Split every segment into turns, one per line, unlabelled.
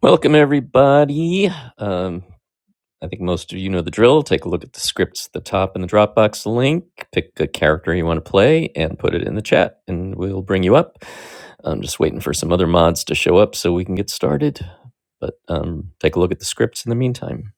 Welcome, everybody. Um, I think most of you know the drill. Take a look at the scripts at the top in the Dropbox link. Pick a character you want to play and put it in the chat, and we'll bring you up. I'm just waiting for some other mods to show up so we can get started. But um, take a look at the scripts in the meantime.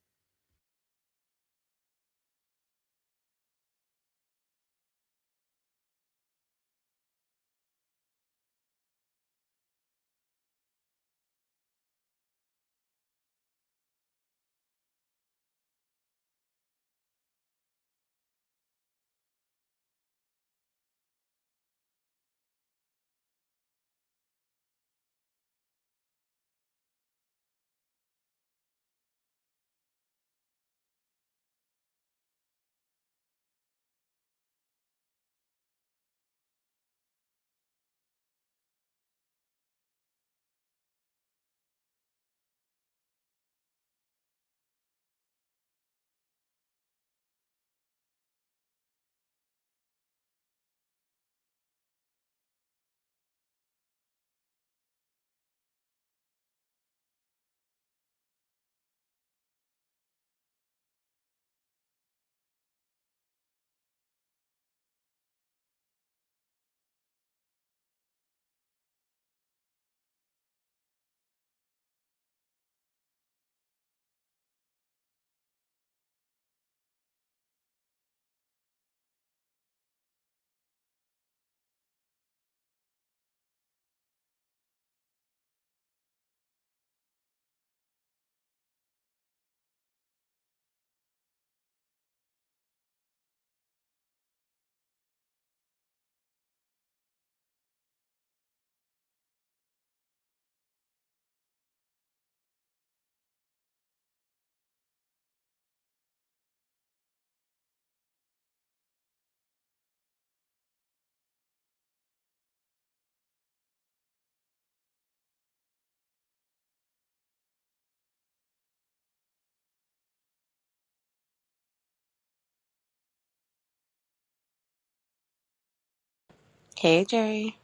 Hey Jerry.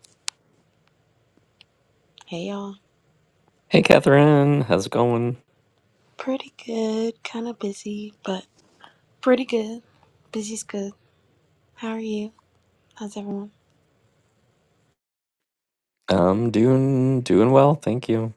Hey y'all.
Hey, Catherine, how's it going?
Pretty good. Kind of busy, but pretty good. Busy's good. How are you? How's everyone?
I'm doing doing well, thank you.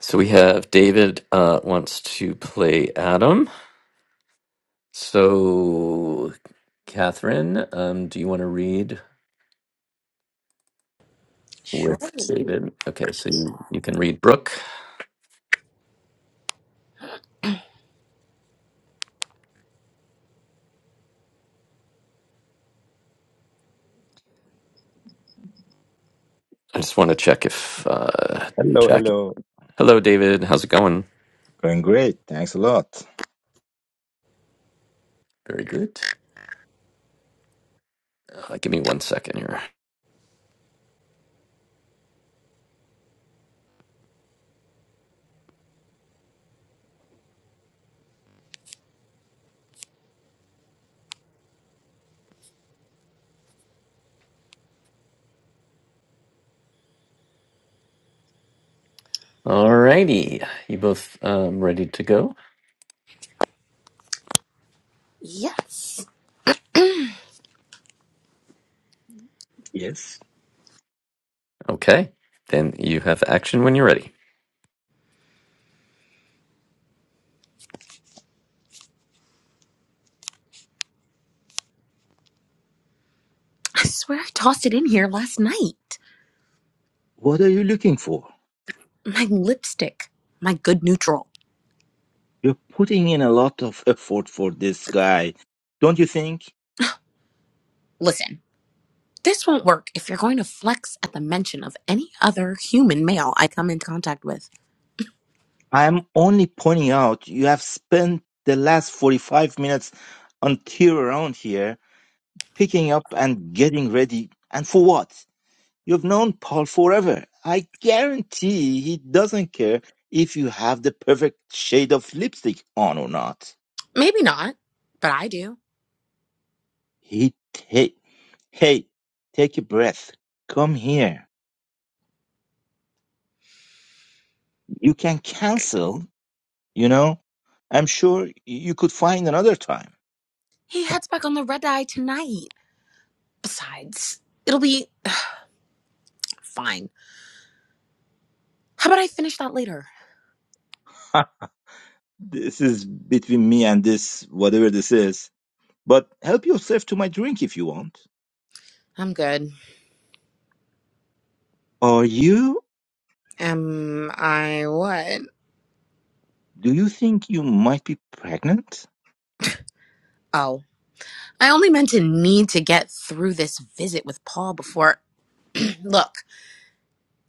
So we have David uh, wants to play Adam. So, Catherine, um, do you want to read? with
Surely.
David. Okay, so you, you can read Brooke. I just want to check if uh,
Hello,
Jackie.
hello.
Hello, David. How's it going?
Going great. Thanks a lot.
Very good. Uh, give me one second here. Alrighty, you both um, ready to go?
Yes.
Yes.
Okay, then you have action when you're ready.
I swear I tossed it in here last night.
What are you looking for?
My lipstick. My good neutral.
You're putting in a lot of effort for this guy. Don't you think?
Listen, this won't work if you're going to flex at the mention of any other human male I come into contact with.
I'm only pointing out you have spent the last 45 minutes until around here picking up and getting ready. And for what? You've known Paul forever. I guarantee he doesn't care if you have the perfect shade of lipstick on or not.
Maybe not, but I do.
He Hey, take a breath. Come here. You can cancel, you know? I'm sure you could find another time.
He heads back on the red eye tonight. Besides, it'll be fine. How about I finish that later?
this is between me and this, whatever this is. But help yourself to my drink if you want.
I'm good.
Are you?
Am I what?
Do you think you might be pregnant?
Oh, I only meant to need to get through this visit with Paul before. Look,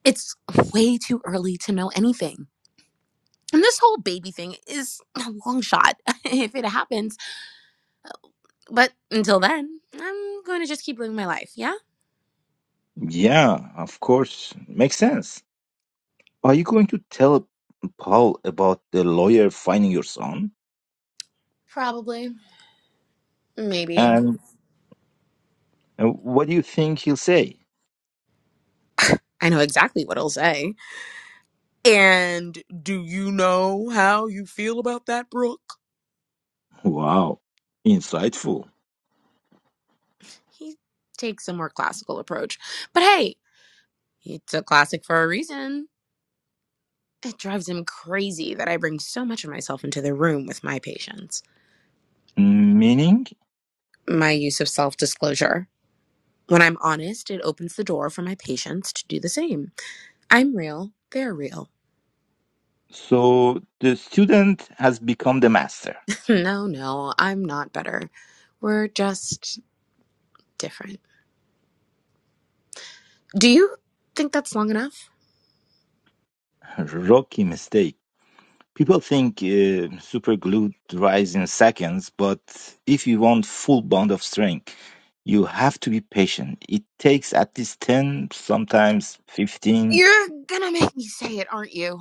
it's way too early to know anything. And this whole baby thing is a long shot if it happens. But until then, I'm going to just keep living my life, yeah?
Yeah, of course. Makes sense. Are you going to tell Paul about the lawyer finding your son?
Probably. Maybe.
And uh, what do you think he'll say?
I know exactly what he'll say. And do you know how you feel about that, Brooke?
Wow, insightful.
He takes a more classical approach. But hey, it's a classic for a reason. It drives him crazy that I bring so much of myself into the room with my patients.
Meaning?
My use of self disclosure. When I'm honest, it opens the door for my patients to do the same. I'm real, they're real.
So the student has become the master.
No, no, I'm not better. We're just different. Do you think that's long enough?
Rookie mistake. People think uh, super glue dries in seconds, but if you want full bond of strength, you have to be patient. It takes at least 10, sometimes 15.
You're gonna make me say it, aren't you?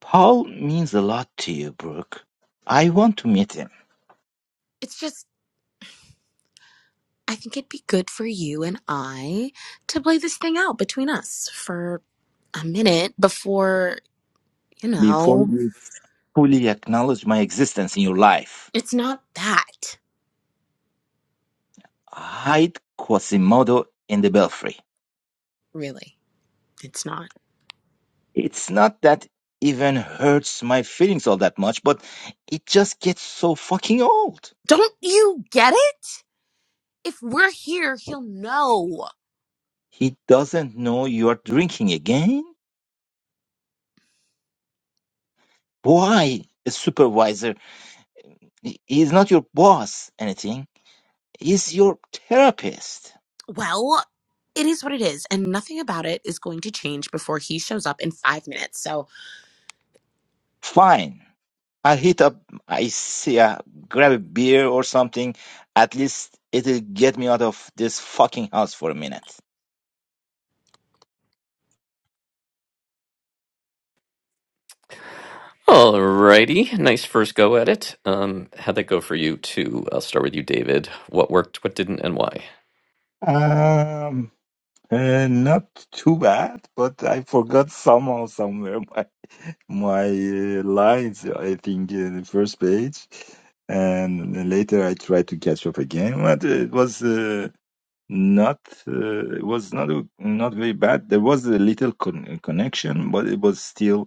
Paul means a lot to you, Brooke. I want to meet him
It's just, I think it'd be good for you and I to play this thing out between us for a minute before, you
before
know,
you fully acknowledge my existence in your life.
it's not that.
Hide Quasimodo in the belfry.
Really, it's not.
It's not that even hurts my feelings all that much, but it just gets so fucking old.
Don't you get it? If we're here, he'll know.
He doesn't know you're drinking again? Why, a supervisor? He- He's not your boss, anything. He's your therapist.
Well, it is what it is, and nothing about it is going to change before he shows up in five minutes. So,
Fine. I'll hit up, I see, uh, grab a beer or something. At least it'll get me out of this fucking house for a minute.
Alrighty, nice first go at it. Um, how'd that go for you too? I'll start with you, David. What worked, what didn't, and why?
Um. Uh, not too bad, but I forgot somehow somewhere my my uh, lines. I think uh, the first page, and later I tried to catch up again, but it was uh, not uh, it was not not very bad. There was a little con- connection, but it was still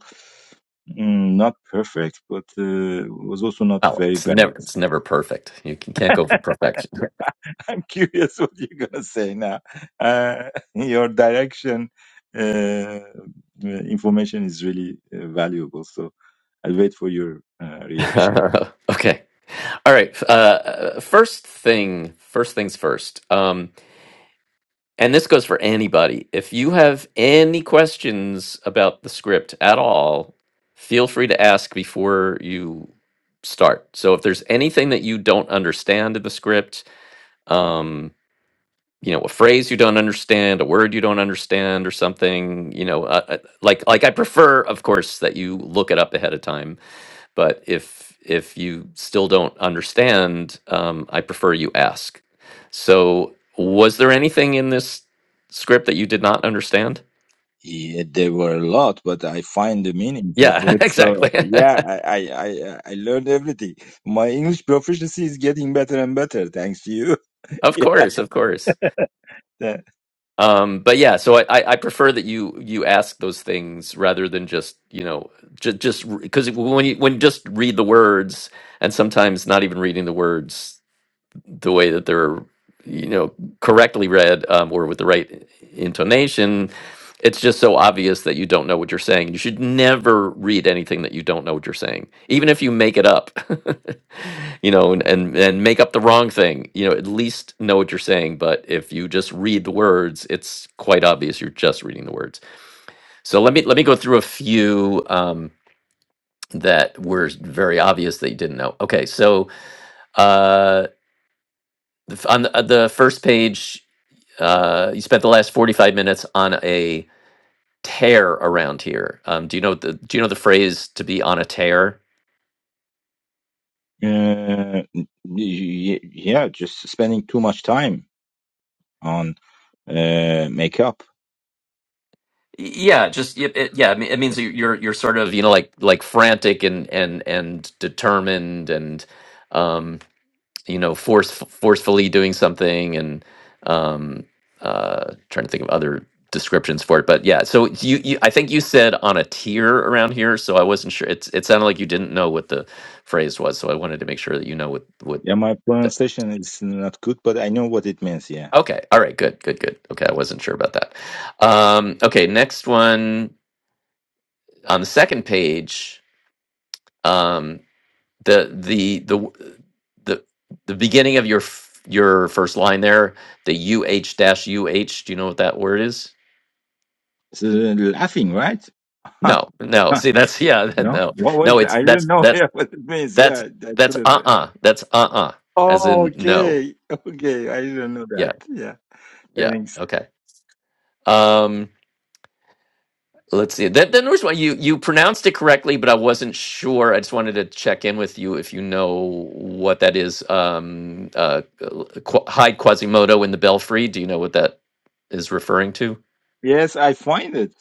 mm, not perfect, but uh, was also not
Oh,
very
it's
bad.
never it's never perfect. You can- can't go for perfection.
I'm curious what you're gonna say now. Uh, your direction uh, information is really uh, valuable, so I'll wait for your uh, reaction.
okay. All right. f- Uh, first thing, first things first. Um, and this goes for anybody. If you have any questions about the script at all, feel free to ask before you start. So if there's anything that you don't understand in the script, um, you know, a phrase you don't understand, a word you don't understand, or something, you know, uh, uh, like like I prefer, of course, that you look it up ahead of time but if if you still don't understand um, i prefer you ask so was there anything in this script that you did not understand
Yeah, there were a lot, but I find the meanings of
yeah
it. So
exactly
yeah, I I I, I learned everything. My English proficiency is getting better and better thanks to you.
of course of course
Yeah.
um, but yeah so I, I I prefer that you you ask those things rather than just you know just just because when you when you just read the words and sometimes not even reading the words the way that they're you know correctly read um, or with the right intonation it's just so obvious that you don't know what you're saying you should never read anything that you don't know what you're saying even if you make it up you know and, and and make up the wrong thing you know at least know what you're saying but if you just read the words it's quite obvious you're just reading the words so let me let me go through a few um, that were very obvious that you didn't know okay so uh the f- on the, uh, the first page Uh, you spent the last 45 minutes on a tear around here. Um, do you know the do you know the phrase to be on a tear?
Uh, y- yeah, just spending too much time on uh, makeup.
Yeah, just it, it, yeah, I mean, it means that you're you're sort Of of you know like like frantic and and and determined and um, you know force forcefully doing something and um, uh, trying to think of other descriptions for it but yeah so you, you i think you said on a tear around here so i wasn't sure it's it sounded like you didn't know what the phrase was so i wanted to make sure that you know what what
Yeah, my
Th-
pronunciation is not good, but I know what it means. Yeah,
Okay. All right. Good. Good. Good. Okay. I wasn't sure about that. Um, okay. Next one on the second page. Um, the the the w- the the beginning of your f- your first line there. The uh dash uh. Do you know what that word is?
it's uh, laughing, right? Huh.
No. No.
Huh.
See, that's yeah.
No,
No.
what was
No. It's
I didn't
that's
know.
that
Yeah, what it means.
that's
Yeah, I
that's uh
couldn't.
uh. That's uh uh. As
Oh,
in no.
okay, okay. I didn't know
Yeah.
that. Yeah,
Yeah.
thanks.
Okay. Um, Let's see. That the Norse one you you pronounced it correctly, but I wasn't sure. I just wanted to check in with you if you know what that is. Um, uh, Qu- Hyde Quasimodo in the Belfry. Do you know what that is referring to?
Yes, I find it.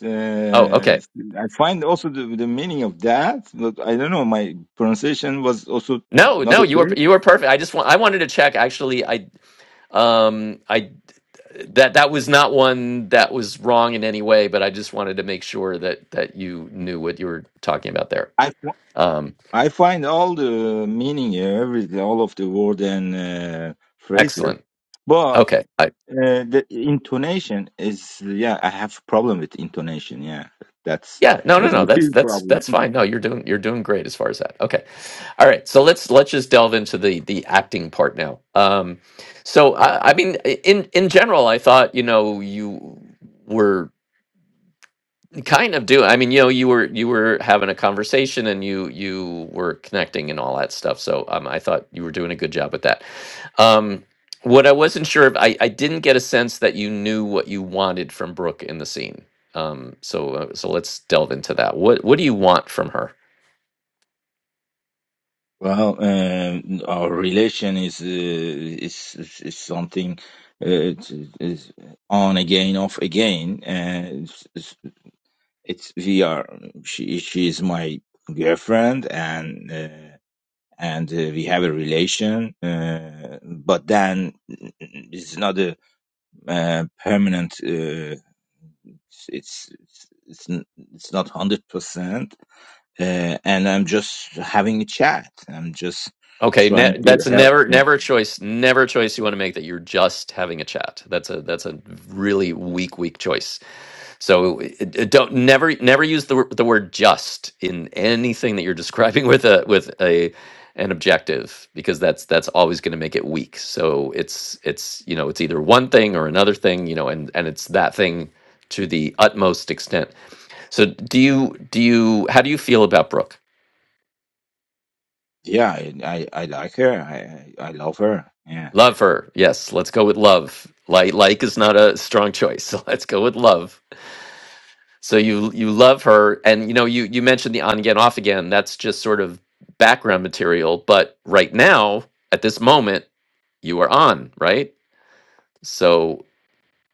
Oh,
Uh,
okay.
I find also the, the meaning of that. But I don't know. My pronunciation was also
No,
not
no, you were
okay.
you were perfect. I just want I wanted to check. Actually, I um I that that was not one that was wrong in any way, but I just wanted to make sure that that you knew what you were talking about there.
I
Um,
I find all the meaning, uh, every all of the word and uh, phrases,
excellent.
but
Okay.
uh, the intonation is yeah. I have problem with intonation. Yeah, that's
Yeah, no, no,
that's a
no. That's
big
that's
problem.
that's fine. No, you're doing you're doing great as far as that. Okay, all right. So let's let's just delve into the the acting part now. Um, so I, I mean, i- in in general, I thought you know you were Kind of do. I mean, you know, you were you were having a conversation and you you were connecting and all that stuff. So um, I thought you were doing a good job with that. Um, what I wasn't sure of, I, I didn't get a sense that you knew what you wanted from Brooke in the scene. Um, so uh, so let's delve into that. What what do you want from her?
Well, um, our relation is uh, is, is is something uh, it's- is on again, off again. Uh, it's, it's it's- we are she she is my girlfriend and. Uh, and uh, we have a relation, uh, but then it's not a uh, permanent. Uh, it's it's it's, it's not hundred uh, percent, uh, and I'm just having a chat. I'm just
Okay,
trying
ne-
to
that's a
help.
never
Yeah,
never a choice, never a choice you want to make that you're just having a chat. That's a that's a really weak weak choice. So it- it don't never never use the wor- the word just in anything that you're describing with a with a an objective because that's that's always going to make it weak. So it's it's you know it's either one thing or another thing, you know, and and it's that thing to the utmost extent. So do you do you how do you feel about Brooke?
yeah I, I I like her. I I love her. Yeah.
Love her. Yes, let's go with love. Like like is not a strong choice. So let's go with love. So you you love her, and you know you you mentioned the on again off again. That's just sort of background material, but right now at this moment you are on right. So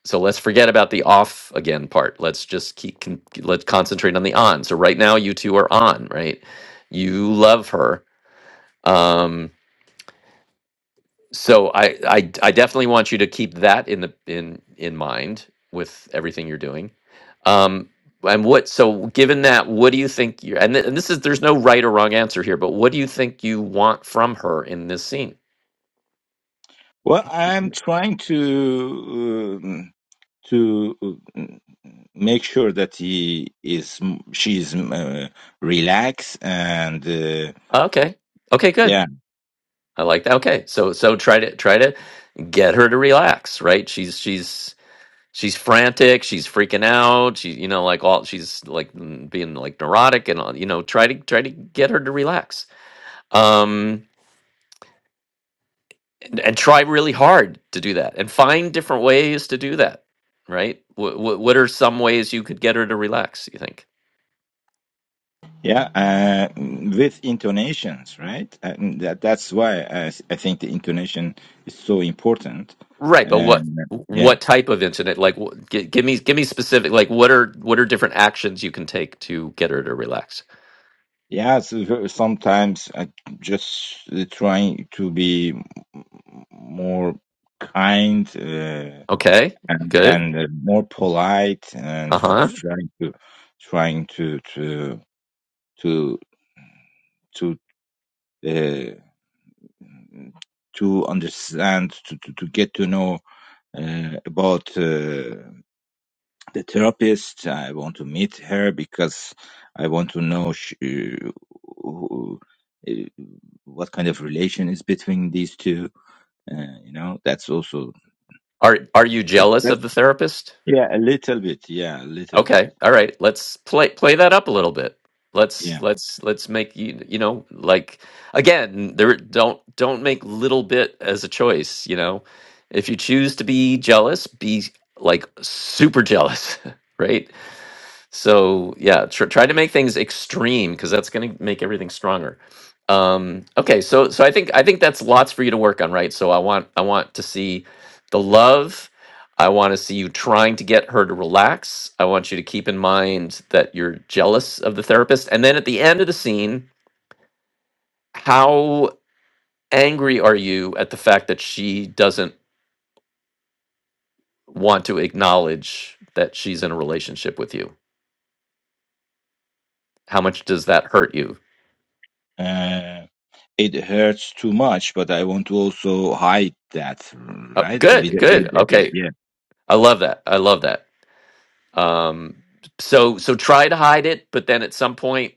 so let's forget about the off again part. Let's just keep con- let's concentrate on the on. So right now you two are on right. You love her. Um, so I, I i definitely want you to keep that in the in in mind with everything you're doing um and what so given that what do you think you and, th- and this is there's no right or wrong answer here but what do you think you want from her in this scene
Well, I'm trying to um, to um, make sure that he is she is uh, relaxed and uh,
okay okay good
yeah
i like that okay so so try to try to get her to relax right she's she's she's frantic she's freaking out she you know like all she's like mm, being like neurotic and all you know try to try to get her to relax um and, and try really hard to do that and find different ways to do that right what, what, what are some ways you could get her to relax you think
yeah uh, with intonations right and that that's why I I think the intonation is so important
right but what
and yeah
what type of incident like wh- gi- give me give me specific like what are what are different actions you can take to get her to relax
yeah so sometimes I just uh, trying to be more kind uh,
okay
and,
good
and uh, more polite and tr-
uh-huh
trying to trying to to to to uh, to understand to, to, to get to know uh, about uh, the therapist i want to meet her because i want to know sh- uh, who- uh, what kind of relation is between these two uh, you know that's also
are are you jealous
that's
of the therapist
yeah a little bit yeah a little bit
Okay. All right. Let's play play that up a little bit. Let's
yeah
let's let's make you you know like again there don't don't make little bit as a choice, you know. If you choose to be jealous, be like super jealous, right? So yeah, tr- try to make things extreme because that's going to make everything stronger. Um, okay, so so I think I think that's lots for you to work on, right? So I want I want to see the love. I want to see you trying to get her to relax. I want you to keep in mind that you're jealous of the therapist, and then at the end of the scene, how angry are you at the fact that she doesn't want to acknowledge that she's in a relationship with you? How much does that hurt you?
Uh, it hurts too much, but I want to also hide that,
Oh,
right? A bit,
good,
a,
good.
a bit,
Okay,
yeah,
I love that. I love that. Um, so so try to hide it, but then at some point,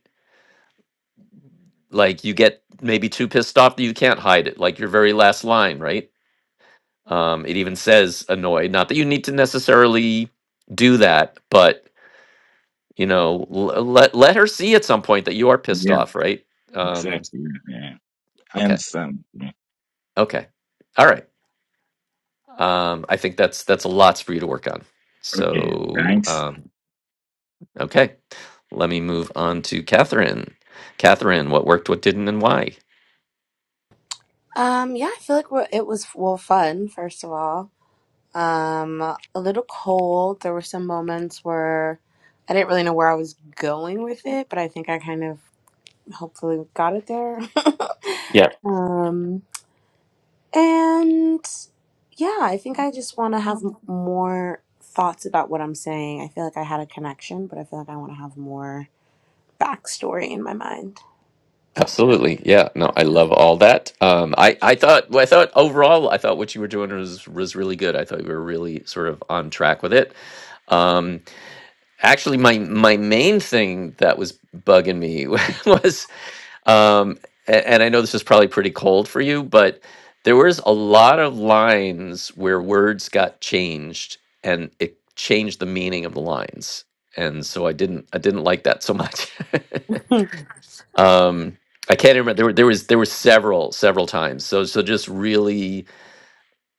like you get maybe too pissed off that you can't hide it. Like your very last line, right? Um, it even says annoyed. Not that you need to necessarily do that, but you know, l- let let her see at some point that you are pissed
yeah,
off, right? Um,
exactly. Yeah, I
okay,
understand. Yeah.
okay, all right. Um, I think that's that's a lot for you to work on.
Okay,
So
thanks.
um, Okay. Let me move on to Catherine. Catherine, what worked, what didn't, and why?
Um, yeah, I feel like we're- it was well fun. First of all, um, a little cold. There were some moments where I didn't really know where I was going with it, but I think I kind of hopefully got it there. um, And yeah, I think I just want to have m- more thoughts about what I'm saying. I feel like I had a connection, but I feel like I want to have more backstory in my mind. So,
Absolutely. Yeah. No, I love all that. Um, I, I thought, well, I thought overall, I thought what you were doing was, was really good. I thought you were really sort of on track with it. Um, actually my, my main thing that was bugging me was Um, a- and I know this is probably pretty cold for you, but there was a lot of lines where words got changed and it changed the meaning of the lines. And so I didn't I didn't like that so much.
yeah.
um, I can't remember there were there was there were several several times. So so just really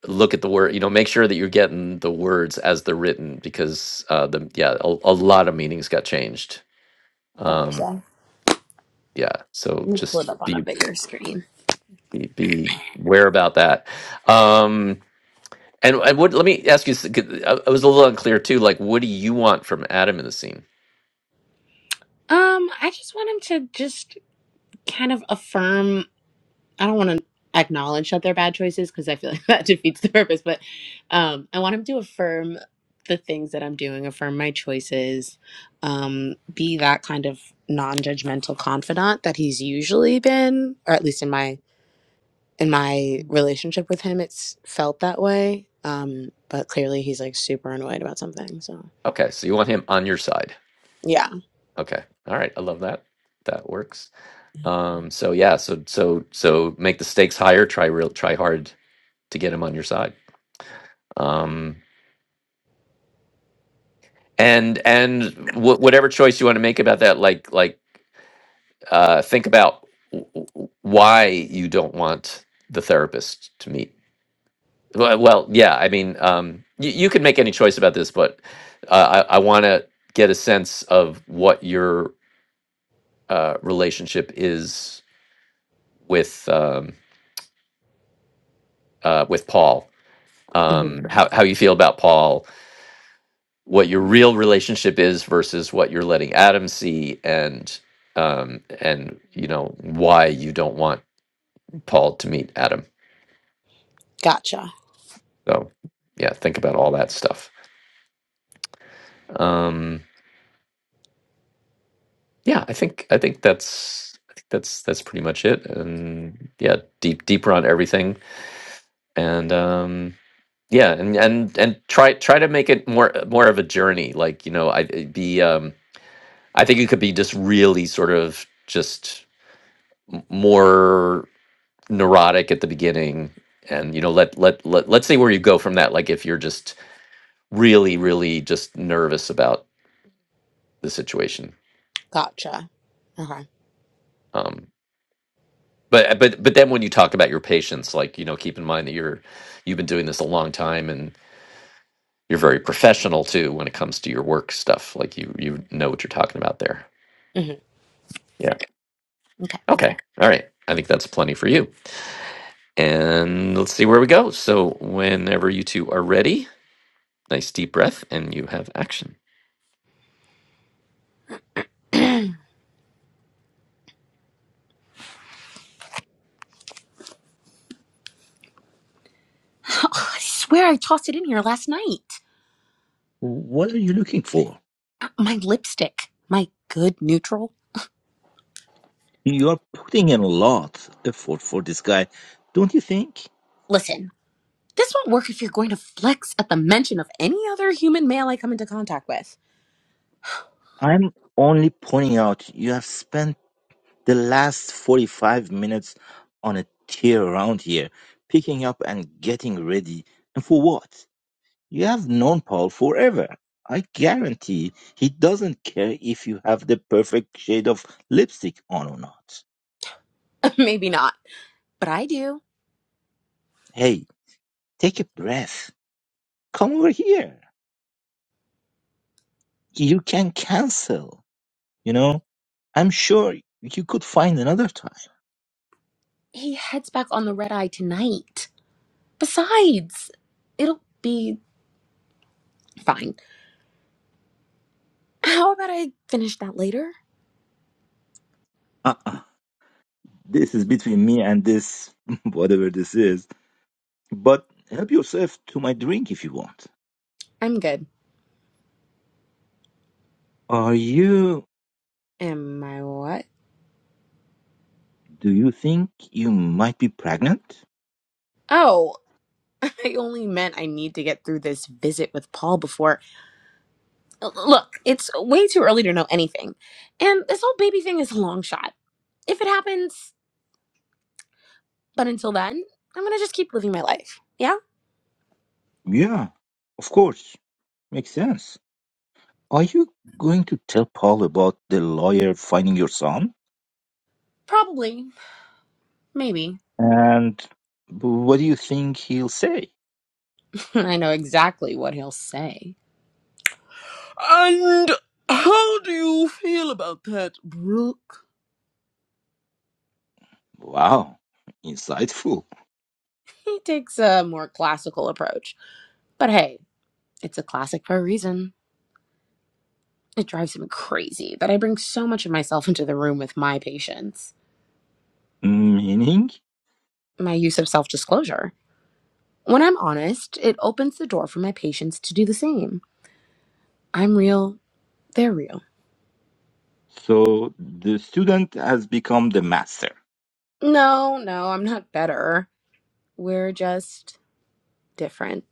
look at the word, you know, make sure that you're getting the words as they're written because uh the yeah, a, a lot of meanings got changed. Um
Gotcha.
yeah, so
Let me pull
just
it up on a
be
bigger screen.
be be aware about that. Um, and and what, let me ask you, s- 'cause I I was a little unclear too. Like, what do you want from Adam in the scene?
Um, I just want him to just kind of affirm I don't want to acknowledge that they're bad choices because I feel like that defeats the purpose. But um, I want him to affirm the things that I'm doing, affirm my choices, um, be that kind of non-judgmental confidant that he's usually been, or at least in my in my relationship with him, it's felt that way. Um, but clearly, he's like super annoyed about something. So
Okay, so you want him on your side.
yeah,
Okay, all right, I love that. That works. Um, so yeah, so so so make the stakes higher. Try real, try hard to get him on your side. Um, and and wh- whatever choice you want to make about that, like like uh, think about w- w- why you don't want the therapist to meet. Well, well yeah, I mean, um, you, you can make any choice about this, but uh, I, I want to get a sense of what your uh, relationship is with um, uh, with Paul.
hmm
Um, how how you feel about Paul? what your real relationship is versus what you're letting Adam see and um and you know why you don't want Paul to meet Adam.
gotcha,
So yeah, think about all that stuff. Um yeah, I think I think that's I think that's that's pretty much it. And yeah, deep deeper on everything. And um yeah, and and and try try to make it more more of a journey. Like, you know, I it'd be um I think it could be just really sort of just m- more neurotic at the beginning and you know let let, let let's see where you go from that like if you're just really really just nervous about the situation
gotcha. Okay,
um but but but then when you talk about your patients like you know keep in mind that you're you've been doing this a long time and you're very professional too when it comes to your work stuff like you you know what you're talking about there
hmm
yeah
okay.
okay all right i think that's plenty for you and let's see where we go so whenever you two are ready nice deep breath and you have action
I swear I tossed it in here last night.
What are you looking for?
my lipstick, my good neutral.
You are putting in a lot effort for this guy, don't you think?
Listen, this won't work if you're going to flex at the mention of any other human male I come into contact with.
I'm only pointing out you have spent the last 45 minutes on a tear around here, picking up and getting ready. And for what? You have known Paul forever. I guarantee he doesn't care if you have the perfect shade of lipstick on or not.
Maybe not, but I do.
Hey, take a breath. Come over here. You can cancel. You know, I'm sure you could find another time.
He heads back on the red eye tonight. Besides, it'll be fine. How about I finish that later?
Uh-uh. This is between me and this, whatever this is. But help yourself to my drink if you want.
I'm good.
Are you,
Am I what?
do you think you might be pregnant?
Oh, I only meant I need to get through this visit with Paul before. L- Look, it's way too early to know anything. And this whole baby thing is a long shot if it happens, But until then, I'm going to just keep living my life. Yeah?
Yeah, of course. Makes sense. Are you going to tell Paul about the lawyer finding your son?
Probably. Maybe.
And what do you think he'll say?
I know exactly what he'll say. And how do you feel about that, Brooke?
Wow, insightful.
He takes a more classical approach. But hey, it's a classic for a reason. It drives him crazy that I bring so much of myself into the room with my patients.
Meaning?
My use of self disclosure. When I'm honest, it opens the door for my patients to do the same. I'm real, they're real.
So the student has become the master.
No, no, I'm not better. We're just different.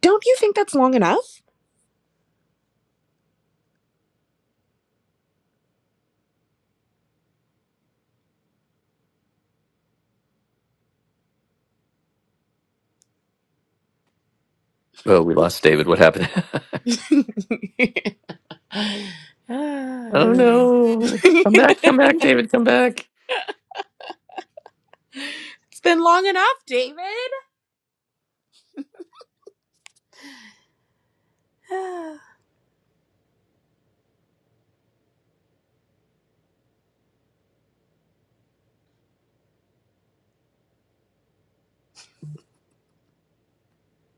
Don't you think that's long enough?
Oh, we lost David. What happened?
I don't
oh
know.
no. Come back, come back,
it's
David, come back.
been long enough, David.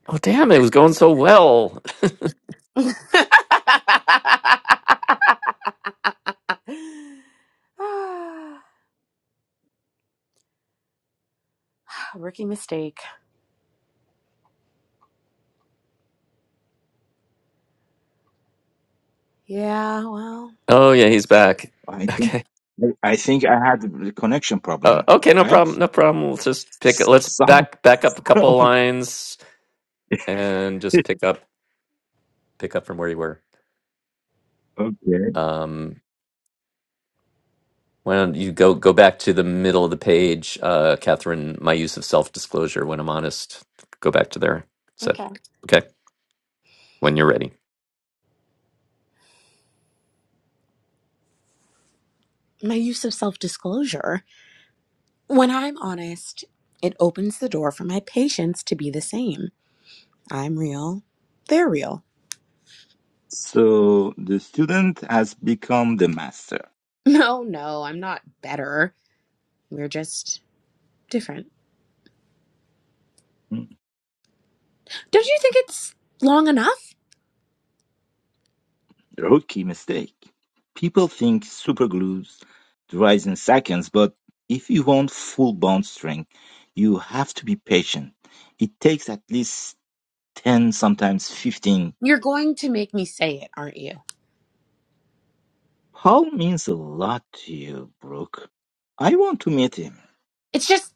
Oh damn, it was going so well.
Ah, Rookie mistake. Yeah, well,
Oh yeah, he's back.
I think
Okay.
I think I had a connection
Uh,
problem,
okay, no
right?
problem. No problem. Let's just pick
S-
let's
Some
back back up a couple
problem.
lines and just pick up pick up from where you were.
okay.
Um why don't you go go back to the middle of the page, uh Catherine, my use of self disclosure when I'm honest. Go back to there. So
okay.
okay, when you're ready.
My use of self disclosure. When I'm honest, it opens the door for my patients to be the same. I'm real. They're real.
So the student has become the master.
No, no, I'm not better. We're just different. Don't you think it's long enough?
Rookie mistake. People think superglue dries in seconds, but if you want full bond strength, you have to be patient. It takes at least 10, sometimes 15.
You're going to make me say it, aren't you?
Paul means a lot to you, Brooke. I want to meet him
It's just,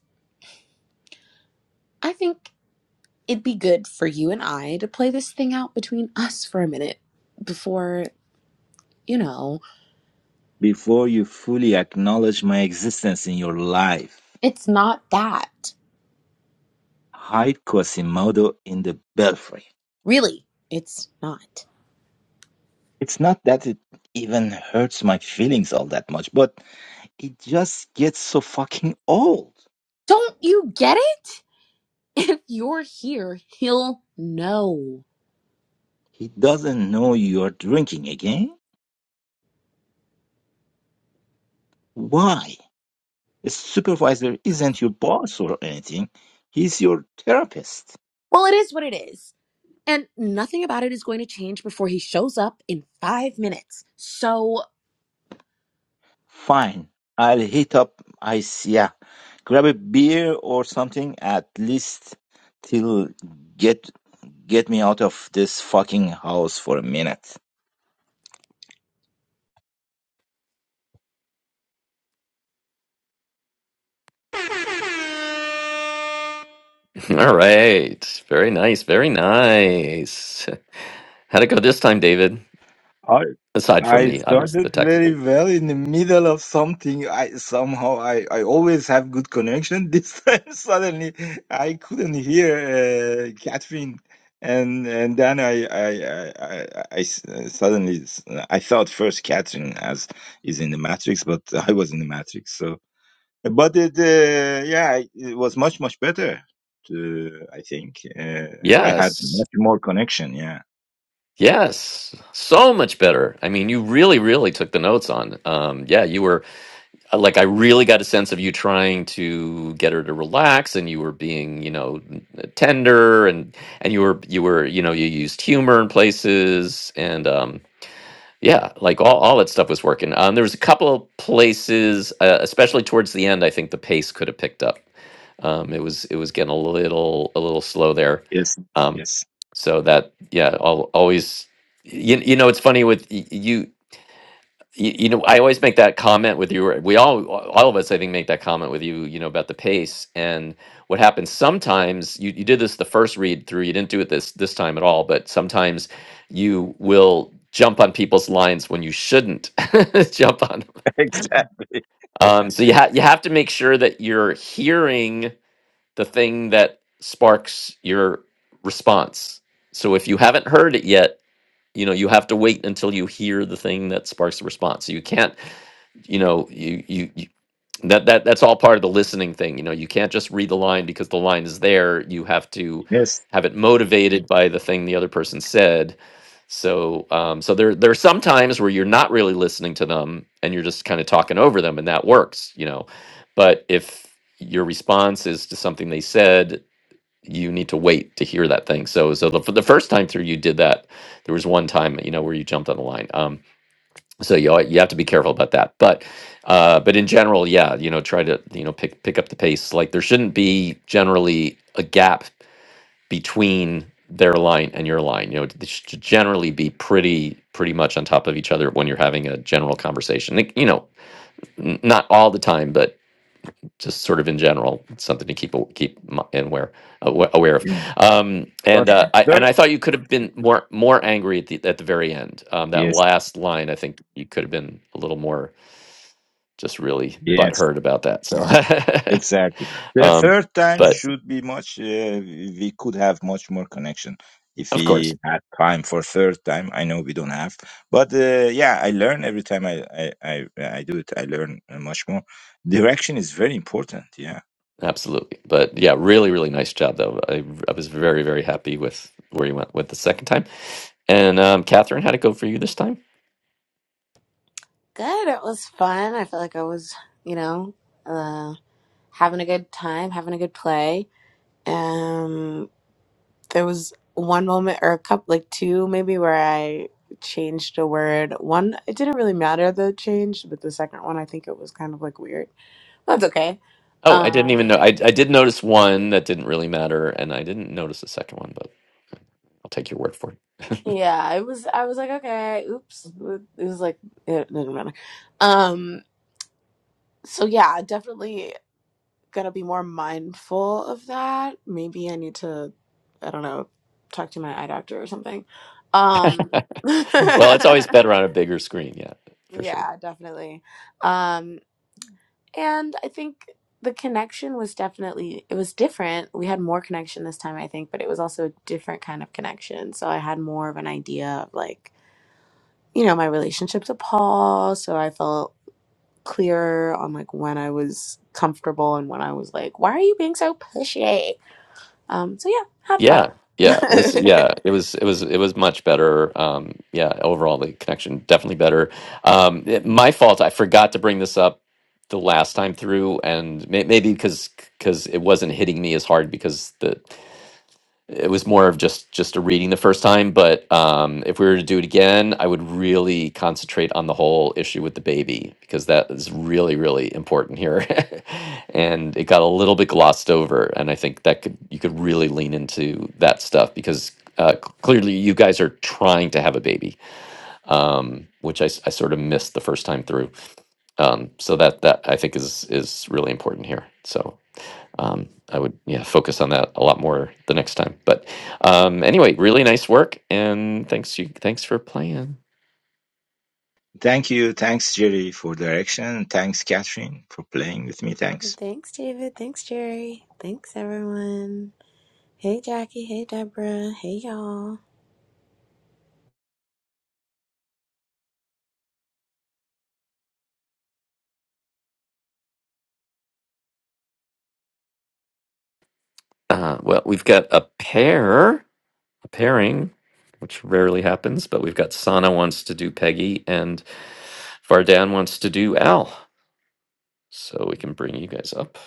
I think it'd be good for you and I to play this thing out between us for a minute before, you know,
before you fully acknowledge my existence in your life.
it's not that.
Hide Quasimodo in the belfry.
Really, it's not.
It's not that it even hurts my feelings all that much, but It just gets so fucking old.
Don't you get it? if you're here, he'll know.
He doesn't know you're drinking again? Why? A supervisor isn't your boss or anything. He's your therapist.
Well, it is what it is. And nothing about it is going to change before he shows up in five minutes. So
Fine. I'll hit up ICEA. Grab a beer or something at least till get get me out of this fucking house for a minute.
All right. Very nice. Very nice. How'd it go this time, David?
I
Aside from
I
the obvious, the
started very
technical.
well in the middle of something. I somehow I, I always have good connection. This time suddenly I couldn't hear uh, Catherine, and and then I I I, I, I s- uh, suddenly s- I thought first Catherine as is in the Matrix, but I was in the Matrix. So, but it uh, yeah it was much much better. To, I think uh, I had
Yes.
much more connection. Yeah.
Yes. So much better. I mean, you really, really took the notes on. Um, yeah, you were uh, like, I really got a sense of you trying to get her to relax and you were being, you know, tender and, and you were, you were, you know, you used humor in places. And, um, Yeah, like all, all that stuff was working. Um, there was a couple of places, uh, especially towards the end, I think the pace could have picked up. Um, it was it was getting a little a little slow there.
Yes.
Um,
Yes.
so that yeah, I'll always you, you know it's funny with y- you you, you know i always make that comment with you or we all all of us i think make that comment with you you know about the pace and what happens sometimes you, you did this the first read through you didn't do it this this time at all but sometimes you will jump on people's lines when you shouldn't jump on 'em.
exactly. Yeah.
um so you, ha- you have to make sure that you're hearing the thing that sparks your response so if you haven't heard it yet you know you have to wait until you hear the thing that sparks the response so you can't you know you you, you that, that that's all part of the listening thing you know you can't just read the line because the line is there you have to
Yes.
have it motivated by the thing the other person said so um so there there are some times where you're not really listening to them and you're just kind of talking over them and that works you know but if your response is to something they said you need to wait to hear that thing so so the, for the first time through you did that there was one time you know where you jumped on the line Um, so you al- you have to be careful about that but uh but in general yeah you know try to you know pick pick up the pace like there shouldn't be generally a gap between their line and your line you know they should generally be pretty pretty much on top of each other when you're having a general conversation Like, you know n- not all the time but just sort of in general it's something to keep a- keep m- and aware awa- aware of
Yeah.
um
But
and uh I, and
third,
i thought you could have been more more angry at the at the very end um that
yes,
last line i think you could have been a little more just really
yes,
butthurt about that. So,
exactly. The
um,
third time
but
should be much. Uh, we could have much more connection if
of course,
we had time for third time. I know we don't have, but uh, yeah, I learn every time I, I I I do it. I learn uh, much more. Direction is very important. Yeah.
absolutely. But yeah, really, really nice job though. I, I was very, very happy with where you went with the second time. And um, Catherine, how'd it go for you this time?
Good. It was fun. I felt like I was, you know, uh, having a good time, having a good play. Um, there was one moment or a couple, like two maybe, where I changed a word. One, it didn't really matter the change, but the second one, I think it was kind of like weird. That's okay.
Oh, I didn't
Um,
even know. I I did notice one that didn't really matter, and I didn't notice the second one, but I'll take your word for it.
Yeah, I was I was like, okay, oops. It was like it didn't matter. Um, so yeah, definitely gonna be more mindful of that. Maybe I need to, I don't know, talk to my eye doctor or something. Um,
Well, it's always
yeah,
better on a bigger screen, yeah, for sure.
definitely. Um, and I think the connection was definitely it was different. We had more connection this time, I think, but it was also a different kind of connection. So I had more of an idea of like you know, my relationship to Paul. So I felt clearer on like when I was comfortable and when I was like, why are you being so pushy? Um, so yeah, had fun.
Yeah, yeah, it was, yeah, it was, it was, it was much better. Um, yeah, overall the connection definitely better. Um, it- my fault. I forgot to bring this up the last time through, and may, maybe because because it wasn't hitting me as hard because the it was more of just just a reading the first time but um if we were to do it again i would really concentrate on the whole issue with the baby because that is really really important here and it got a little bit glossed over and i think that could you could really lean into that stuff because uh, c- clearly you guys are trying to have a baby um which i, s- I sort of missed the first time through um so that that i think is is really important here so um, I would yeah focus on that a lot more the next time. But um, anyway, really nice work, and thanks you thanks for playing.
Thank you. Thanks, Jerry, for direction. Thanks, Catherine, for playing with me. Thanks.
Thanks, David. Thanks, Jerry. Thanks, everyone. Hey, Jackie. Hey, Deborah. Hey, y'all.
Uh, well, we've got a pair, a pairing, which rarely happens, but we've got Sana wants to do Peggy and Vardan wants to do Al. So we can bring you guys up.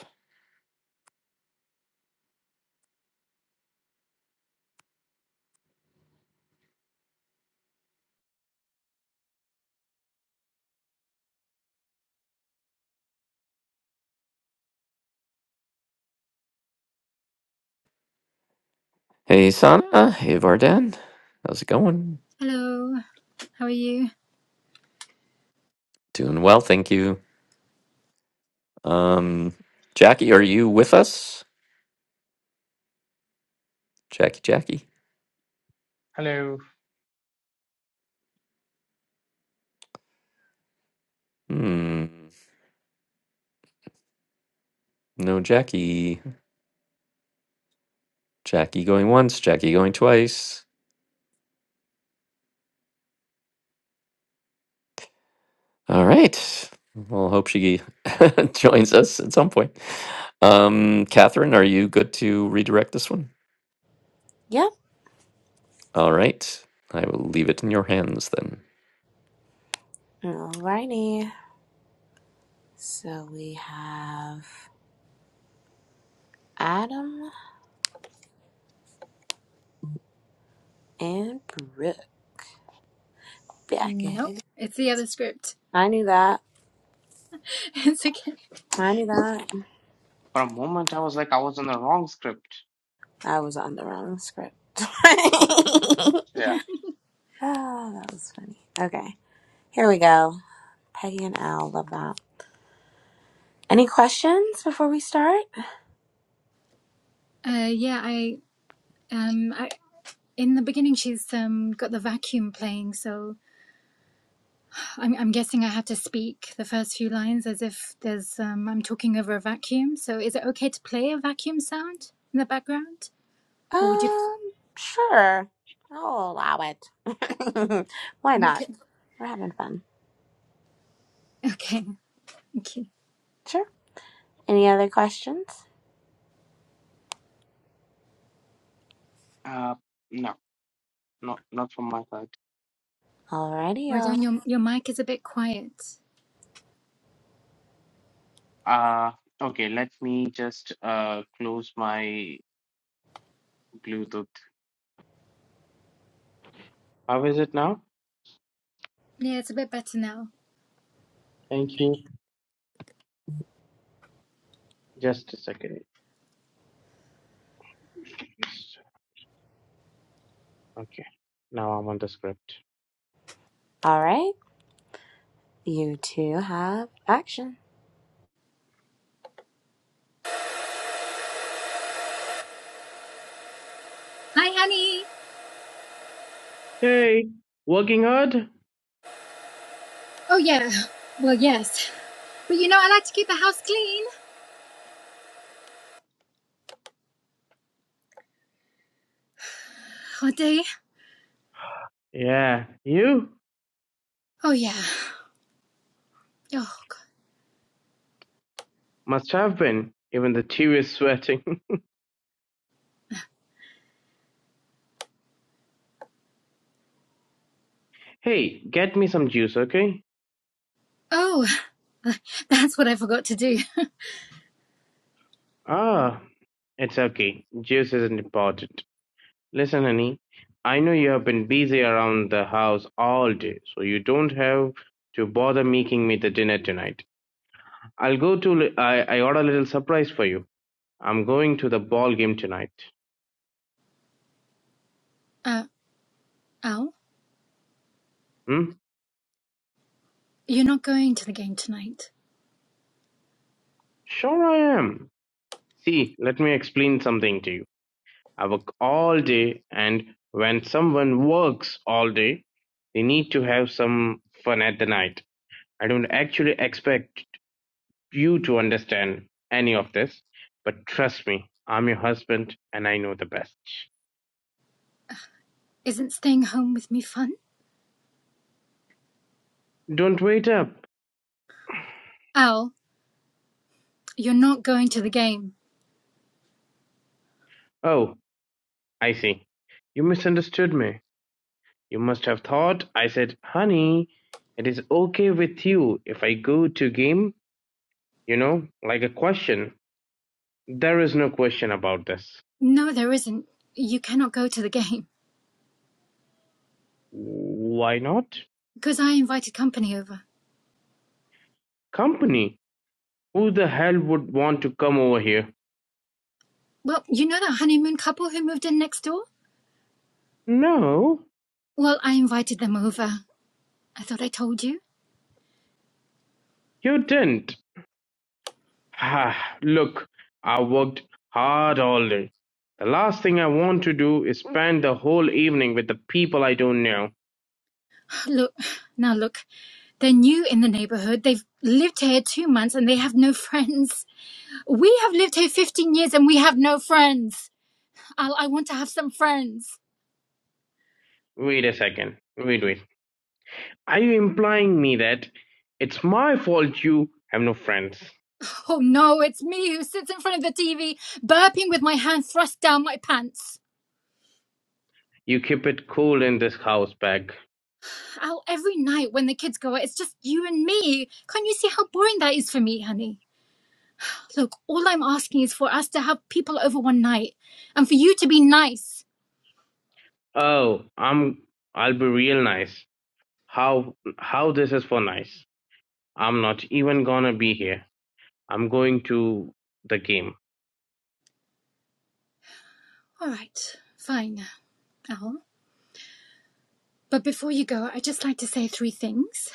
Hey Sana, hey Vardan, how's it going?
Hello, how are you?
Doing well, thank you. Um, Jackie, are you with us? Jackie, Jackie.
Hello.
Hmm, no Jackie. Jackie going once, Jackie going twice. All right. Well, hope she joins us at some point. Um, Catherine, are you good to redirect this one?
Yep.
All right. I will leave it in your hands then.
Alrighty. So we have Adam and Brooke back at
Nope,
it.
it's the other script.
I knew that.
It's okay.
I knew that.
For a moment, I was like I was on the wrong script.
I was on the wrong script. oh,
Yeah.
that was funny. Okay, here we go. Peggy and Al, love that. Any questions before we start?
Uh, yeah, I um, I, in the beginning she's um got the vacuum playing, so I'm I'm guessing I have to speak the first few lines as if there's um I'm talking over a vacuum. So is it okay to play a vacuum sound in the background, or would you?
Um, sure. I'll allow it. Why not?
Okay,
We're having fun.
okay, okay.
Sure. Any other questions?
Uh, no, no, not from my side.
Alrighty, y'all.
Rodan, your your mic is a bit quiet.
Uh, okay. Let me just uh close my Bluetooth. How is it now?
Yeah, it's a bit better now.
Thank you. Just a second. Just- Okay. Now I'm on the script.
All right, you two have action.
Hi, honey.
Hey, working hard?
Oh yeah. Well, yes, but you know I like to keep the house clean all day.
Yeah. You
Oh yeah. Oh god.
must have been. Even the TV is sweating. hey, get me some juice, okay?
Oh, that's what I forgot to do.
Ah, it's okay. Juice isn't important. Listen, honey, I know you have been busy around the house all day, so you don't have to bother making me the dinner tonight. I'll go to, I, I order a little surprise for you. I'm going to the ball game tonight.
Uh, Al,
Hmm?
you're not going to the game tonight.
Sure I am. See, let me explain something to you. I work all day, and when someone works all day, they need to have some fun at the night. I don't actually expect you to understand any of this, but trust me, I'm your husband and I know the best.
Isn't staying home with me fun?
Don't wait up.
Al, you're not going to the game.
Oh, I see. You misunderstood me. You must have thought I said, honey, it is okay with you if I go to game, you know, like a question. There is no question about this.
No, there isn't. You cannot go to the game
Why not?
because I invited company over.
Company. Who the hell would want to come over here?
Well, you know that honeymoon couple who moved in next door?
No,
Well, I invited them over. I thought I told you.
you didn't. Ah, look, I worked hard all day. The last thing I want to do is spend the whole evening with the people I don't know.
Look, now look, they're new in the neighborhood. They've lived here two months and they have no friends. We have lived here 15 years and we have no friends. Al, I want to have some friends.
Wait a second. Wait, wait. Are you implying me that it's my fault you have no friends?
Oh no, it's me who sits in front of the TV, burping with my hand thrust down my pants.
You keep it cool in this house, Peg.
Al, every night when the kids go out, it's just you and me. Can't you see how boring that is for me, honey? Look, all I'm asking is for us to have people over one night and for you to be nice.
Oh, I'm I'll be real nice. How how this is for nice. I'm not even gonna be here. I'm going to the game.
All right, fine, Al. But before you go, I'd just like to say three things.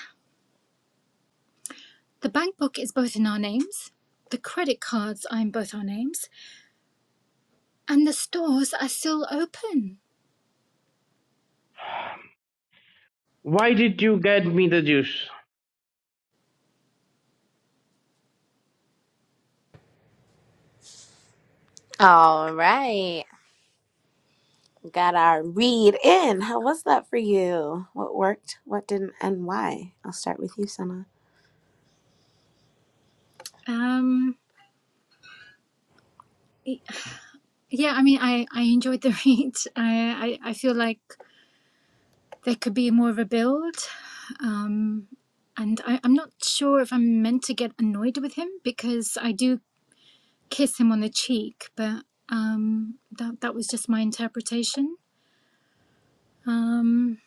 The bank book is both in our names, the credit cards are in both our names, and the stores are still open.
Why did you get me the juice?
All right, got our read in. How was that for you? What worked? What didn't? And why? I'll start with you, Sana.
Um, Yeah, I mean, I I enjoyed the read. I I, I feel like there could be more of a build, um, and I, I'm not sure if I'm meant to get annoyed with him because I do kiss him on the cheek, but um, that that was just my interpretation. Um,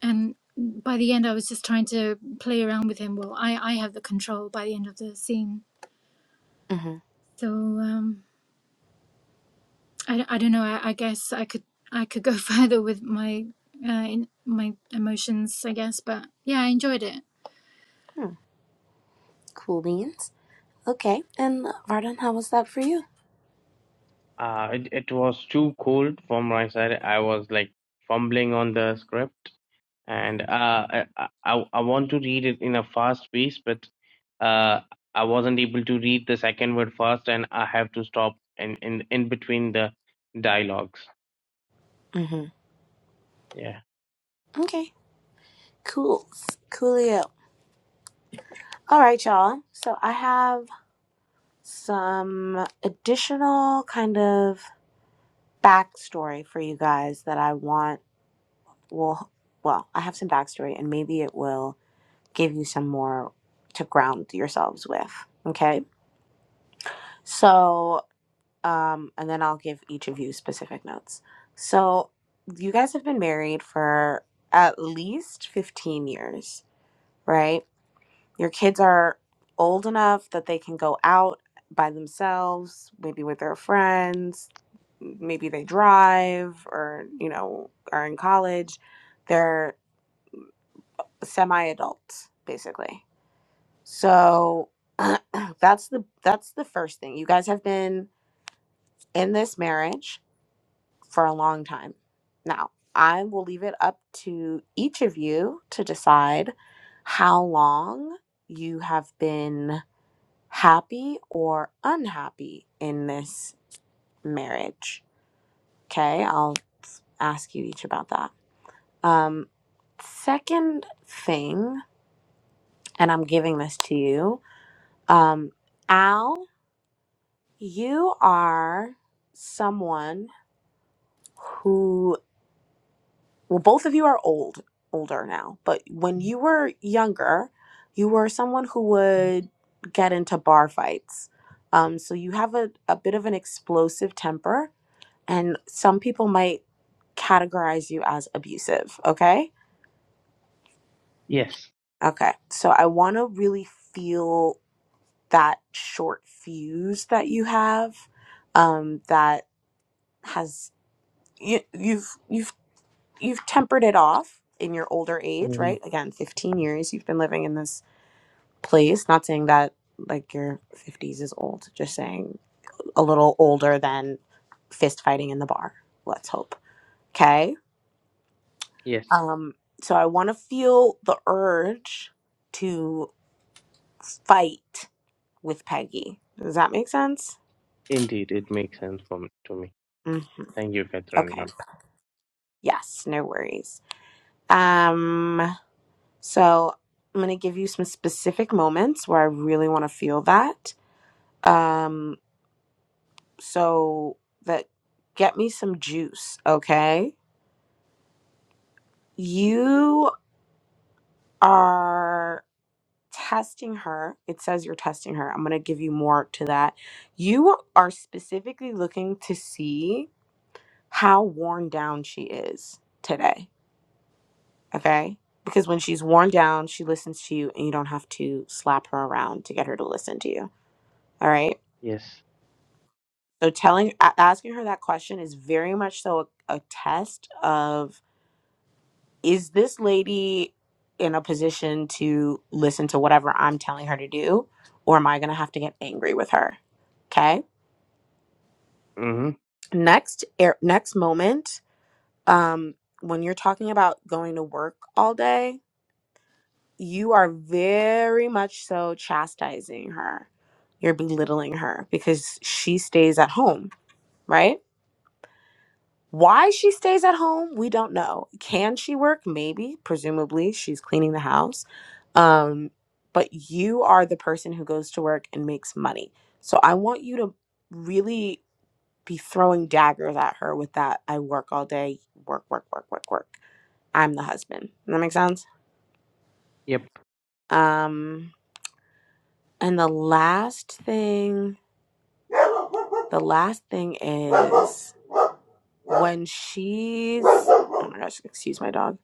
and by the end, I was just trying to play around with him. Well, I I have the control by the end of the scene,
Mm-hmm.
so. Um, I, d- I don't know. I, I guess I could I could go further with my uh, in my emotions, I guess. But yeah, I enjoyed it.
Hmm. Cool beans. Okay. And Vardon, how was that for you?
Uh, it, it was too cold from my side. I was like fumbling on the script, and uh, I, I I want to read it in a fast pace, but uh, I wasn't able to read the second word fast, and I have to stop in in, in between the dialogues.
Mm-hmm.
Yeah.
Okay. Cool. Coolio. All right, y'all. So I have some additional kind of backstory for you guys that I want. Well, well, I have some backstory, and maybe it will give you some more to ground yourselves with. Okay. So um, and then I'll give each of you specific notes. So, you guys have been married for at least 15 years, right? Your kids are old enough that they can go out by themselves, maybe with their friends, maybe they drive or, you know, are in college. They're semi adults, basically. So, that's the that's the first thing. You guys have been in this marriage for a long time. Now, I will leave it up to each of you to decide how long you have been happy or unhappy in this marriage. Okay, I'll ask you each about that. Um, second thing, and I'm giving this to you, um, Al, you are someone who. well both of you are old older now but when you were younger you were someone who would get into bar fights um, so you have a, a bit of an explosive temper and some people might categorize you as abusive okay
Yes.
okay so i want to really feel that short fuse that you have um, that has you, you've you've you've tempered it off in your older age,
hmm
right? Again, 15 years you've been living in this place. Not saying that like your 50s is old, just saying a little older than fist fighting in the bar. Let's hope. Okay?
Yes.
Um so I want to feel the urge to fight with Peggy. Does that make sense?
Indeed, it makes sense for me, to me.
hmm
Thank you, Catherine.
Okay.
ma'am.
Yes, no worries. Um so I'm going to give you some specific moments where I really want to feel that Um, so that get me some juice, okay? You are testing her. It says you're testing her. I'm gonna give you more to that. You are specifically looking to see how worn down she is today, okay? Because when she's worn down, she listens to you, and you don't have to slap her around to get her to listen to you. All right.
Yes.
So telling a- asking her that question is very much so a, a test of is this lady in a position to listen to whatever I'm telling her to do, or am I gonna have to get angry with her? Okay.
Mm-hmm.
Next, air, next moment, um, when you're talking about going to work all day, you are very much so chastising her. You're belittling her because she stays at home, right? Why she stays at home, we don't know. Can she work? Maybe. Presumably, she's cleaning the house. Um, but you are the person who goes to work and makes money. So I want you to really be throwing daggers at her with that. I work all day, work, work, work, work, work. I'm the husband. Does That make sense?
Yep.
Um, and the last thing, the last thing is. when she's oh my gosh, excuse my dog.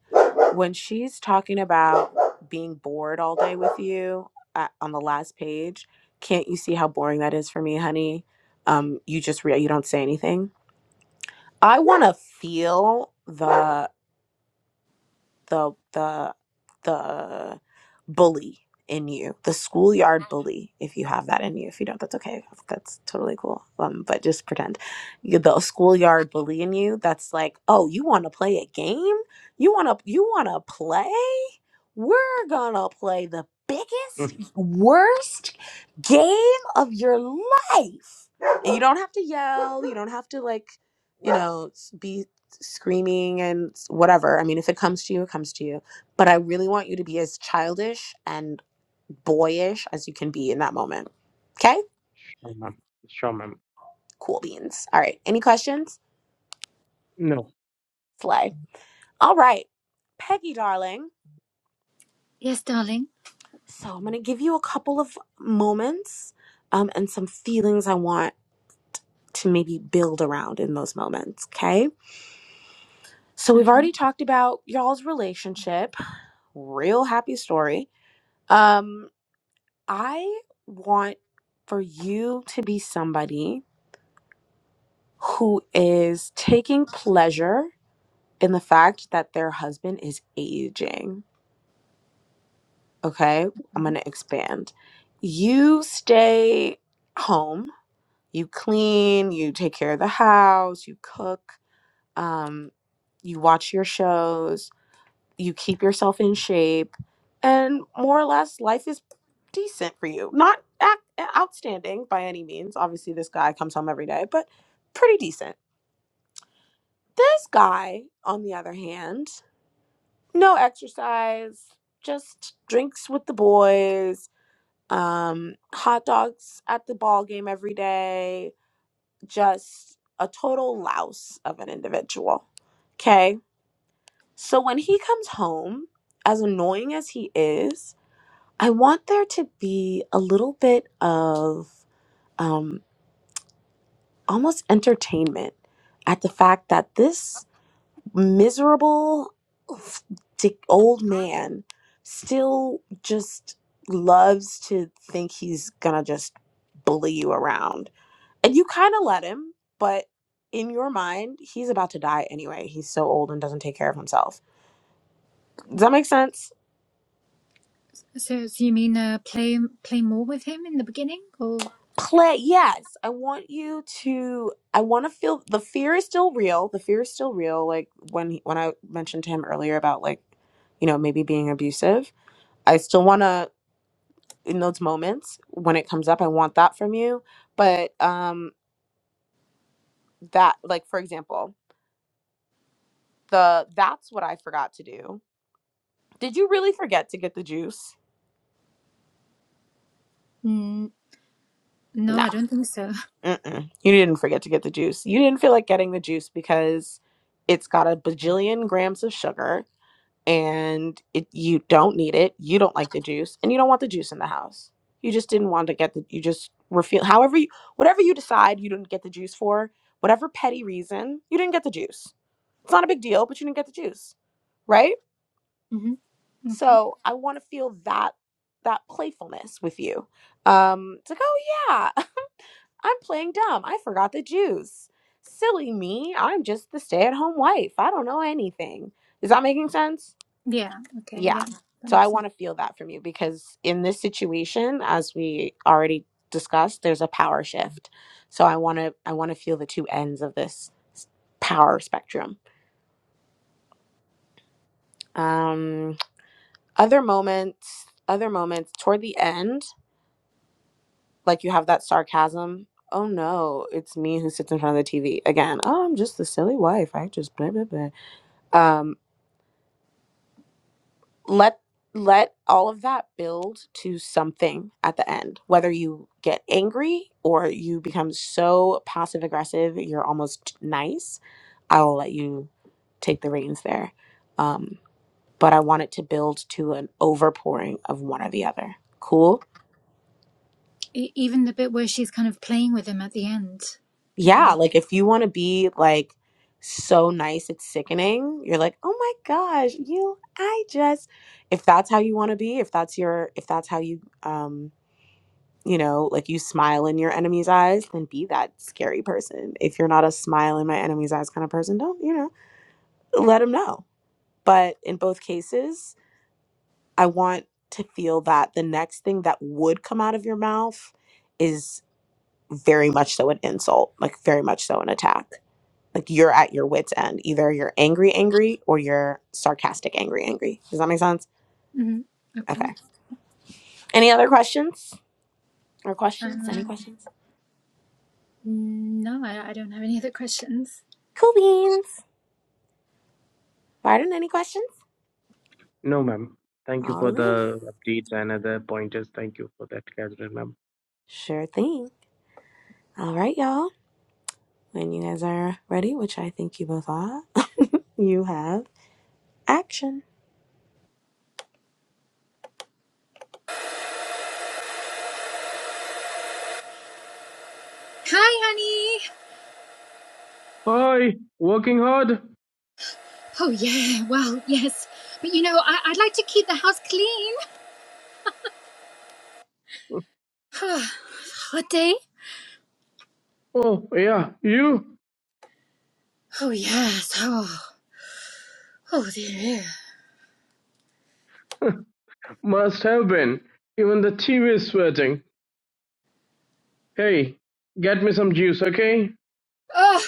When she's talking about being bored all day with you at, on the last page, can't you see how boring that is for me, honey? Um, you just re- you don't say anything. I want to feel the the the the bully in you, the schoolyard bully, if you have that in you. If you don't, that's okay. That's totally cool. Um, but just pretend you the schoolyard bully in you. That's like, oh, you want to play a game? You want to you want to play? We're gonna play the
Mm.
biggest, worst game of your life. And you don't have to yell. You don't have to like, you know, s- be screaming and whatever. I mean, if it comes to you, it comes to you. But I really want you to be as childish and boyish as you can be in that moment. Okay?
Sure, ma'am. Sure, ma'am.
Cool beans. All right. Any questions?
No.
Slay. All right. Peggy, darling.
Yes, darling.
So I'm going to give you a couple of moments um, and some feelings I want to maybe build around in those moments. Okay? So we've
Okay.
already talked about y'all's relationship. Real happy story. Um, I want for you to be somebody who is taking pleasure in the fact that their husband is aging. Okay, I'm going to expand. You stay home, you clean, you take care of the house, you cook, um, you watch your shows, you keep yourself in shape, and more or less, life is decent for you. Not ac- eh, outstanding by any means. Obviously, this guy comes home every day, but pretty decent. This guy, on the other hand, no exercise, just drinks with the boys, um, hot dogs at the ball game every day, just a total louse of an individual. Okay. So when he comes home, as annoying as he is, I want there to be a little bit of um, almost entertainment at the fact that this miserable f- dick old man still just loves to think he's gonna just bully you around. And you kind of let him, but in your mind, he's about to die anyway. He's so old and doesn't take care of himself. Does that make sense?
So, so you mean uh, play play more with him in the beginning, or
play yes i want you to i want to feel the fear is still real the fear is still real like when he, when i mentioned to him earlier about like you know maybe being abusive i still want to in those moments when it comes up i want that from you but um that like for example the that's what i forgot to do did you really forget to get the juice
mm, no?
no
I don't think so.
Mm-mm. you didn't forget to get the juice you didn't feel like getting the juice because it's got a bajillion grams of sugar and it, you don't need it. You don't like the juice, and you don't want the juice in the house. You just didn't want to get the. You just refuse. However, you, whatever you decide, you didn't get the juice for whatever petty reason. You didn't get the juice. It's not a big deal, but you didn't get the juice, right?
hmm Okay.
So I want to feel that that playfulness with you. Um, it's like, oh yeah, I'm playing dumb. I forgot the juice. Silly me. I'm just the stay-at-home wife. I don't know anything. Is that making sense?
Yeah. Okay.
Yeah.
Yeah. That
So I
makes sense.
want to feel that from you because in this situation, as we already discussed, there's a power shift. So I want to I want to feel the two ends of this power spectrum. Um other moments, other moments toward the end, like you have that sarcasm. Oh no, it's me who sits in front of the TV again. Oh, I'm just the silly wife. I just blah blah blah. Um let let all of that build to something at the end whether you get angry or you become so passive aggressive you're almost nice i will let you take the reins there um, but i want it to build to an overpouring of one or the other cool
E- even the bit where she's kind of playing with him at the end. Okay.
yeah like if you want to be like so nice it's sickening you're like oh my gosh you i just if that's how you want to be if that's your if that's how you um you know, like you smile in your enemy's eyes, then be that scary person. If you're not a smile in my enemy's eyes kind of person, don't, you know, let them know. But in both cases, I want to feel that the next thing that would come out of your mouth is very much so an insult, like very much so an attack. Like you're at your wits' end. Either you're angry, angry, or you're sarcastic, angry, angry. Does that make sense?
hmm Okay.
Okay. Any other questions or questions? Any
Um,
questions?
no, I, I don't have any other questions.
Cool beans. Pardon, any questions?
No, ma'am. Thank you
All
for
right.
the updates and other pointers. Thank you for that, Catherine, ma'am.
Sure thing. All right, y'all. When you guys are ready, which I think you both are, you have action.
Hi, honey.
Hi, working hard?
Oh, yeah, well, yes. But you know, I- I'd like to keep the house clean. Hot day?
Oh, yeah, you
Oh, yes. Oh, oh, dear.
must have been. Even the TV is sweating. Hey, get me some juice, okay?
Oh,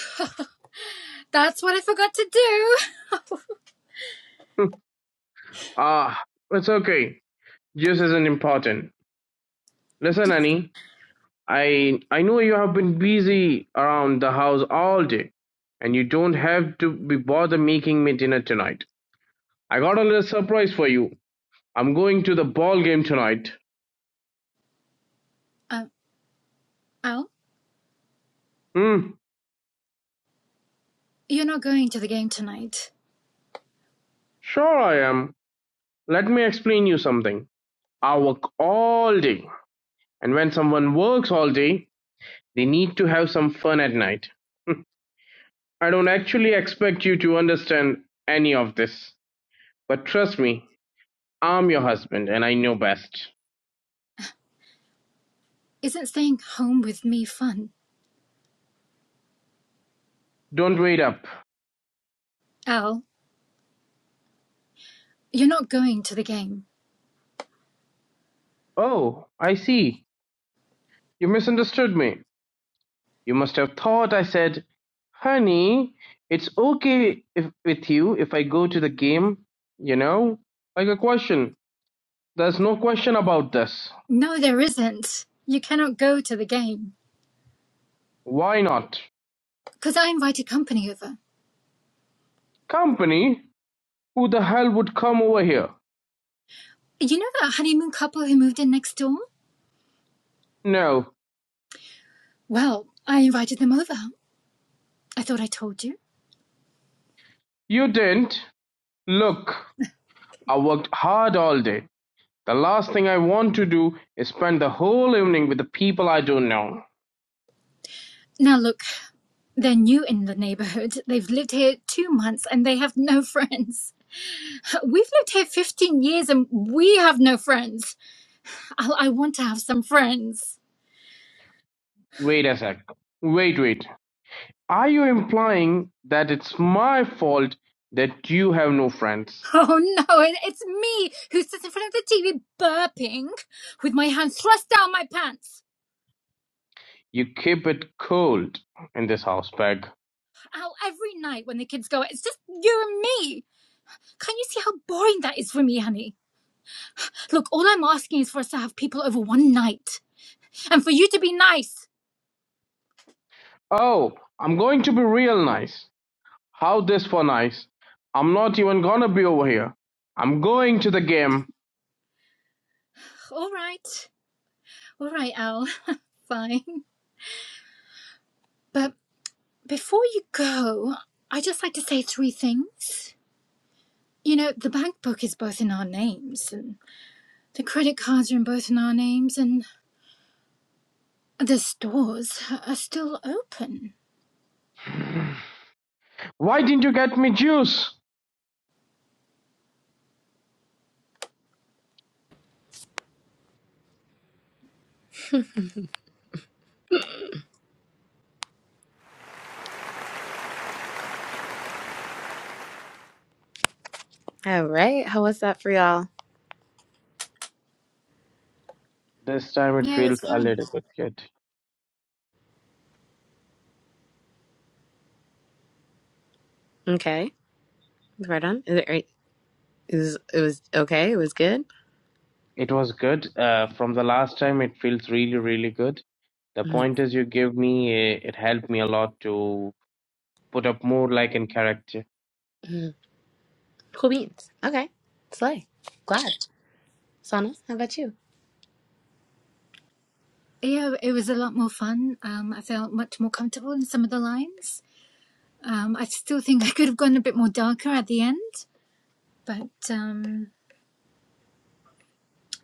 that's what I forgot to do.
ah, it's okay. Juice isn't important. Listen, Annie, I I know you have been busy around the house all day, and you don't have to be bothered making me dinner tonight. I got a little surprise for you. I'm going to the ball game tonight.
Um, Al,
Hmm,
you're not going to the game tonight.
sure I am. Let me explain you something. I work all day, and when someone works all day, they need to have some fun at night. I don't actually expect you to understand any of this, but trust me, I'm your husband and I know best.
Isn't staying home with me fun?
Don't wait up.
Al, you're not going to the game.
Oh, I see. You misunderstood me. You must have thought I said, honey, it's okay if, with you if I go to the game, you know? Like a question. There's no question about this.
No, there isn't. You cannot go to the game.
Why not?
Because I invited company over.
Company? Who the hell would come over here?
You know that honeymoon couple who moved in next door?
No,
Well, I invited them over. I thought I told you.
you didn't. Look, I worked hard all day. The last thing I want to do is spend the whole evening with the people I don't know.
Now, look, They're new in the neighborhood. They've lived here two months and they have no friends. We've lived here 15 years and we have no friends. I, I want to have some friends.
Wait a sec. Wait, wait. Are you implying that it's my fault that you have no friends?
Oh no, it- it's me who sits in front of the TV burping with my hand thrust down my pants.
You keep it cold in this house, Peg.
Ow, every night when the kids go, it's just you and me. Can not you see how boring that is for me, honey? Look, all I'm asking is for us to have people over one night and for you to be nice.
Oh, I'm going to be real nice. How this for nice? I'm not even gonna be over here. I'm going to the game.
All right. All right, Al. Fine. but. Before you go, I just like to say three things. You know, the bank book is both in our names, and the credit cards are in both in our names, and the stores are still open.
Why didn't you get me juice?
All right. How was that for y'all?
This time it
Yeah, it
feels
was
a
fun.
little bit good.
Okay. Right on. Is it, is, it was okay. It was good.
It was good. Uh, from the last time, it feels really, really good. The
Mhm.
pointers you give me, eh, it helped me a lot to put up more like in character.
Cool beans. Okay. Slay. Glad. Sana, how about you?
Yeah, it was a lot more fun. Um, I felt much more comfortable in some of the lines. Um, I still think I could have gone a bit more darker at the end, but um,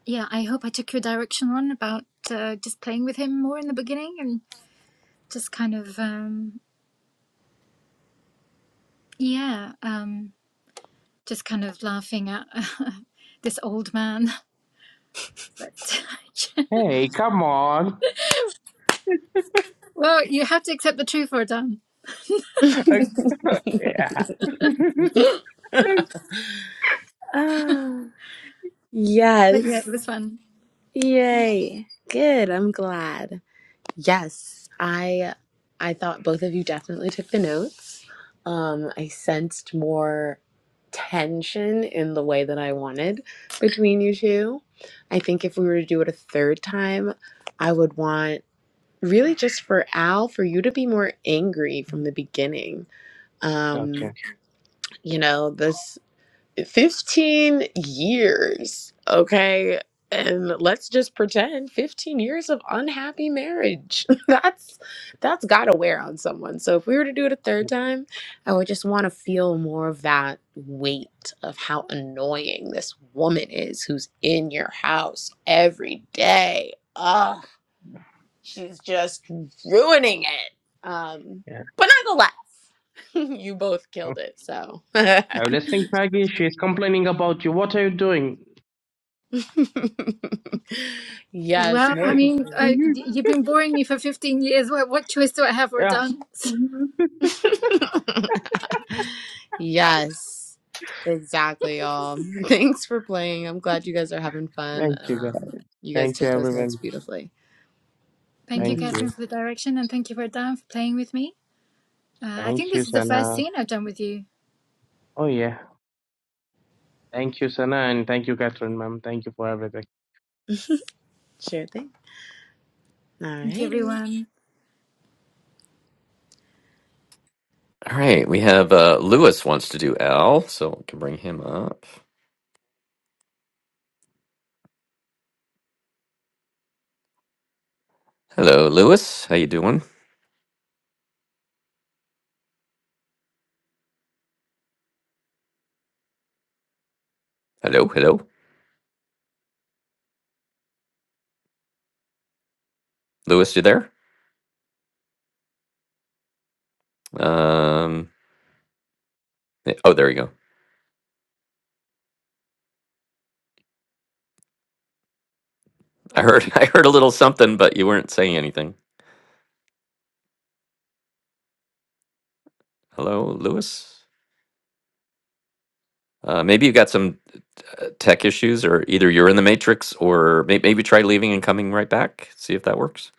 yeah, I hope I took your direction on about uh, just playing with him more in the beginning and just kind of um, yeah. um. just kind of laughing at this old man. But,
Hey, come on.
well, you have to accept the truth, for done.
yeah.
Ah,
But yeah, it
yes.
was fun.
Yay. Good. I'm glad. Yes, I I thought both of you definitely took the notes. Um, I sensed more tension in the way that I wanted between you two. I think if we were to do it a third time, I would want really just for Al for you to be more angry from the beginning.
Okay.
Um, you know, this 15 years, okay? And let's just pretend 15 years of unhappy marriage. that's that's got to wear on someone. So if we were to do it a third time, I would just want to feel more of that weight of how annoying this woman is who's in your house every day. Ugh, she's just ruining it. Um,
Yeah.
but nonetheless, you both killed it. So
I'm listening, Maggie. She's complaining about you. What are you doing?
yes,
Well,
more
I mean,
confusion.
I, y- you've been boring me for 15 years. What, what choice do I have, or
yeah.
done?
yes, exactly, y'all. Thanks for playing. I'm glad you guys are having fun.
Thank you,
Um,
guys.
you guys
Thank you,
took those notes
everyone.
beautifully.
Thank you,
Thank
hmm
Catherine,
you.
for the direction, and thank you, Rodan, for playing with me. Uh, I think
Thank you,
this is the first
Sana.
scene I've done with you.
Oh, yeah. Thank you, Sana, and thank you, Catherine, ma'am. Thank you for everything.
Sure thing.
Thank you,
Alrighty.
everyone.
All right. We have uh, Lewis wants to do Al, so I can bring him up. Hello, Lewis. How you doing? Hello, hello, Lewis. You there? Um. eh, Oh, there you go. I heard. I heard a little something, but you weren't saying anything. Hello, Lewis. Uh, maybe you got some uh, tech issues, or either you're in the matrix, or may- maybe try leaving and coming right back. See if that works.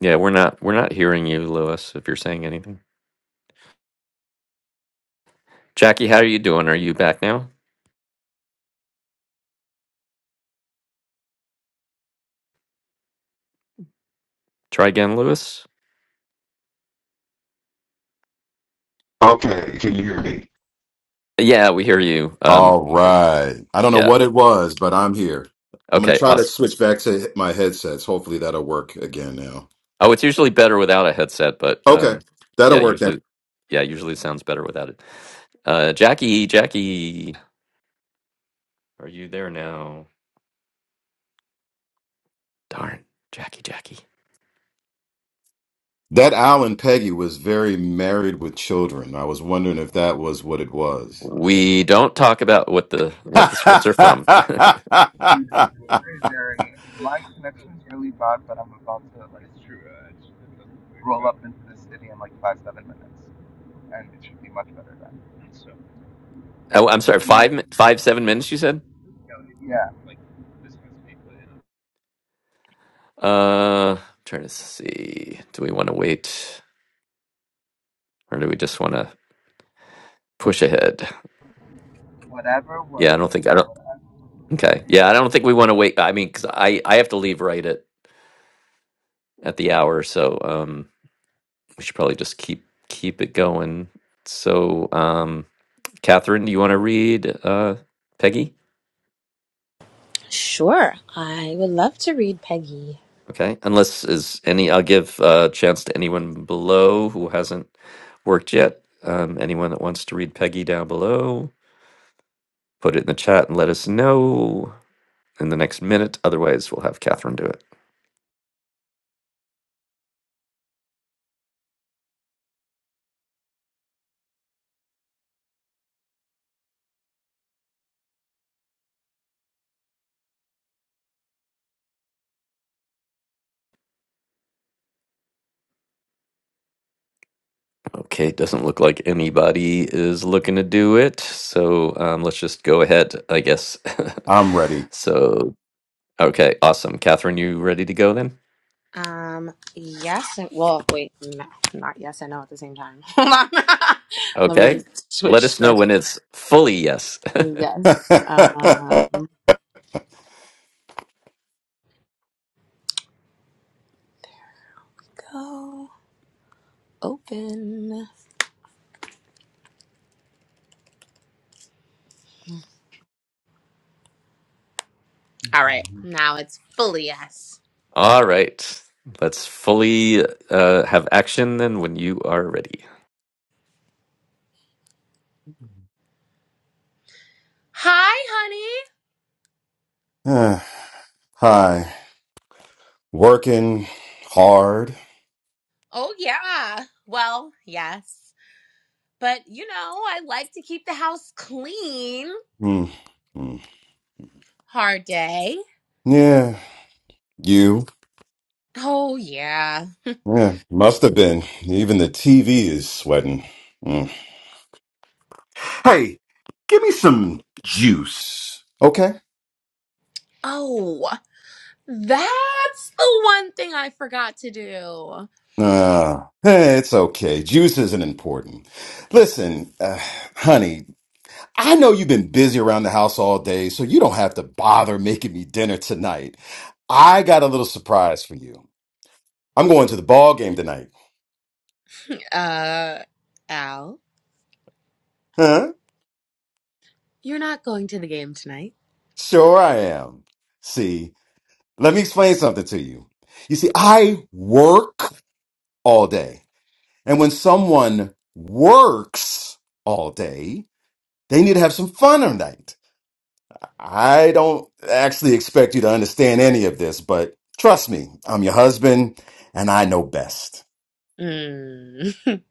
Yeah, we're not. We're not hearing you, Lewis. If you're saying anything, Jackie, how are you doing? Are you back now? Try again, Lewis.
Okay, can you hear me?
Yeah, we hear you. Um.
All
th-
right. I don't know
Yeah.
what it was, but I'm here. I'm going to
Okay.
try
Awesome.
to switch back to my headsets. Hopefully that'll work again now.
Oh, it's usually better without a headset, but
Okay.
um,
That'll
yeah,
work then.
usually, yeah, usually it sounds better without it. Uh, Jackie, Jackie, are you there now? Darn, Jackie, Jackie.
That Alan Peggy was very married with children. I was wondering if that was what it was.
We don't talk about what the what the scripts are from.
Hey Jerry, my connection's really bad, but I'm about to like It's true. Uh, it's, it doesn't work. roll up into the city in like five seven minutes, and it should be much better then. So,
Oh, I'm sorry,
Can you hear
five mi-
me?
five seven minutes. You said.
Yeah,
Uh, I'm trying to see. Do we want to wait, or do we just want to push ahead?
whatever
Yeah, I don't
works.
think I don't.
Whatever.
Okay, yeah, I don't think we want to wait. I mean, because I I have to leave right at at the hour, so um. we should probably just keep keep it going. So, um, Catherine, do you want to read uh, Peggy?
Sure, I would love to read Peggy.
Okay, unless is any, I'll give a chance to anyone below who hasn't worked yet. Um, anyone that wants to read Peggy down below, put it in the chat and let us know in the next minute. Otherwise, we'll have Catherine do it. Okay, it doesn't look like anybody is looking to do it, so um, let's just go ahead, I guess.
I'm ready.
so Okay, awesome. Catherine, you ready to go then?
Um, yes, and, well, wait, no, not yes and no at the same time. Hold on. Let me
Okay.
just
Let
switch
us know
script.
when it's fully yes.
Yes. Um, go. open. All right, now it's fully yes.
All right. Let's fully uh, have action then when you are ready.
Hi, honey.
Ah, Hi. Working hard.
Oh, yeah. Well, yes. But you know, I like to keep the house clean.
Hmm. Hmm.
Hard day.
Yeah. You.
Oh, yeah.
Yeah, must have been. Even the TV is sweating. Mm. Hey, give me some juice, okay?
Oh, that's the one thing I forgot to do.
Uh, eh, it's okay. Juice isn't important. Listen, uh, honey, I know you've been busy around the house all day, so you don't have to bother making me dinner tonight. I got a little surprise for you. I'm going to the ball game tonight.
Uh, Al,
Huh?
you're not going to the game tonight.
Sure I am. See, let me explain something to you. You see, I work all day. And when someone works all day, they need to have some fun at night. I don't actually expect you to understand any of this, but trust me, I'm your husband and I know best.
Mm.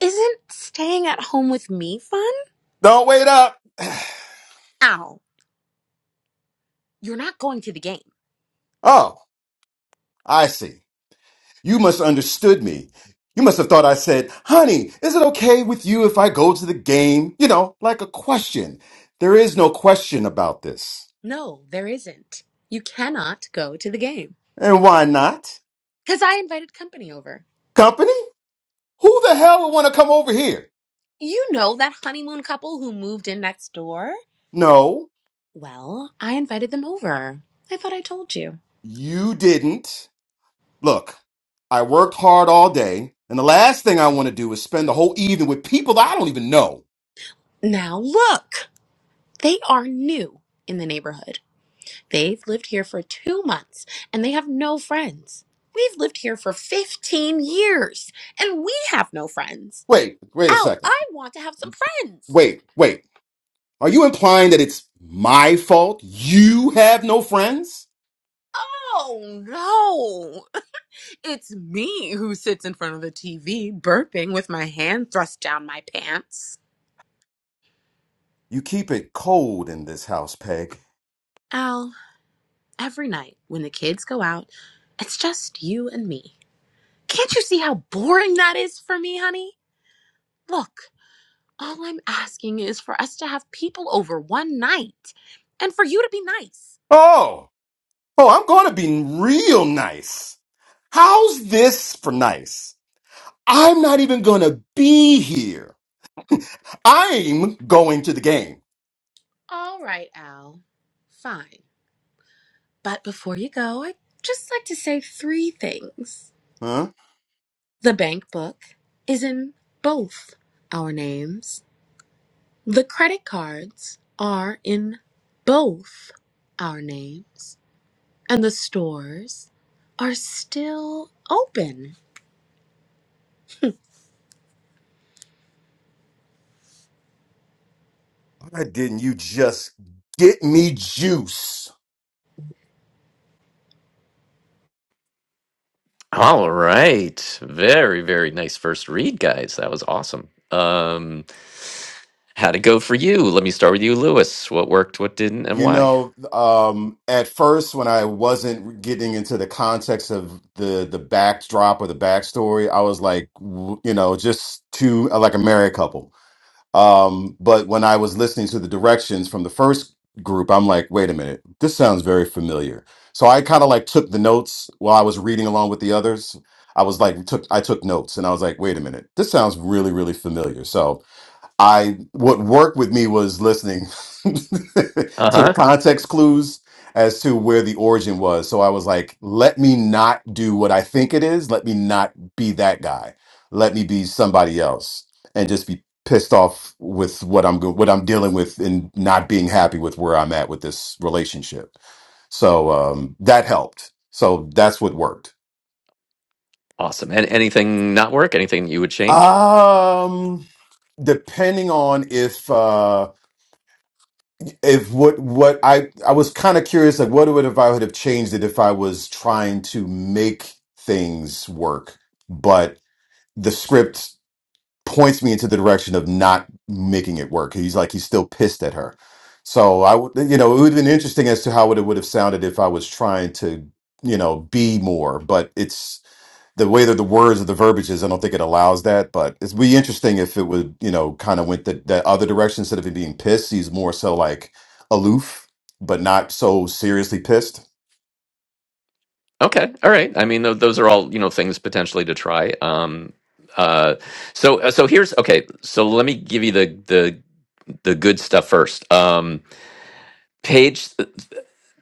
Isn't staying at home with me fun?
Don't wait up.
Al, you're not going to the game.
Oh, I see. You must have understood me. You must have thought I said, honey, is it okay with you if I go to the game? You know, like a question. There is no question about this.
No, there isn't. You cannot go to the game.
And why not?
Because I invited company over.
Company? Who the hell would want to come over here?
You know that honeymoon couple who moved in next door?
No,
Well, I invited them over. I thought I told you.
you didn't. Look, I worked hard all day, and the last thing I want to do is spend the whole evening with people that I don't even know.
Now look! They are new in the neighborhood. They've lived here for two months and they have no friends. We've lived here for 15 years and we have no friends.
Wait, wait a
Ow,
second.
I want to have some friends.
Wait, wait. Are you implying that it's my fault? You have no friends?
Oh no! It's me who sits in front of the TV, burping with my hand thrust down my pants.
You keep it cold in this house, Peg.
Al, every night when the kids go out, it's just you and me. Can't you see how boring that is for me, honey? Look, all I'm asking is for us to have people over one night and for you to be nice.
Oh, oh, I'm going to be real nice. How's this for nice? I'm not even going to be here. I'm going to the game.
All right, Al. Fine. But before you go, I'd just like to say three things.
Huh?
The bank book is in both our names. The credit cards are in both our names, and the stores are still open.
why didn't you just get me juice?
All right. Very, very nice first read, guys. That was awesome. Um, how'd it go for you? Let me start with you, Lewis. What worked, what didn't, and
You
why?
know, um, at first when I wasn't getting into the context of the the backdrop or the backstory, I was like, w- you know, just two like a married couple. Um, but when I was listening to the directions from the first group, I'm like, wait a minute, this sounds very familiar. So I kind of like took the notes while I was reading along with the others. I was like, took I took notes and I was like, wait a minute, this sounds really really familiar. So I what worked with me was listening
Uh
to the
huh.
context clues as to where the origin was. So I was like, let me not do what I think it is. Let me not be that guy. Let me be somebody else and just be pissed off with what I'm go- what I'm dealing with and not being happy with where I'm at with this relationship. So um that helped. So that's what worked.
Awesome. And anything not work? Anything you would change?
Um depending on if uh if what what I I was kind of curious like what would if I would have changed it if I was trying to make things work, but the script points me into the direction of not making it work. He's like he's still pissed at her. So I would you know it would have been interesting as to how it would have sounded if I was trying to you know be more, but it's the way that the words of the verbiage is, I don't think it allows that. But it's be interesting if it would, you know, kind of went that that other direction instead of him being pissed. He's more so like aloof, but not so seriously pissed.
Okay. All right. I mean, tho- those are all, you know, things potentially to try. Um, uh, so, uh, so here's, okay. So let me give you the, the, the good stuff first. Um, page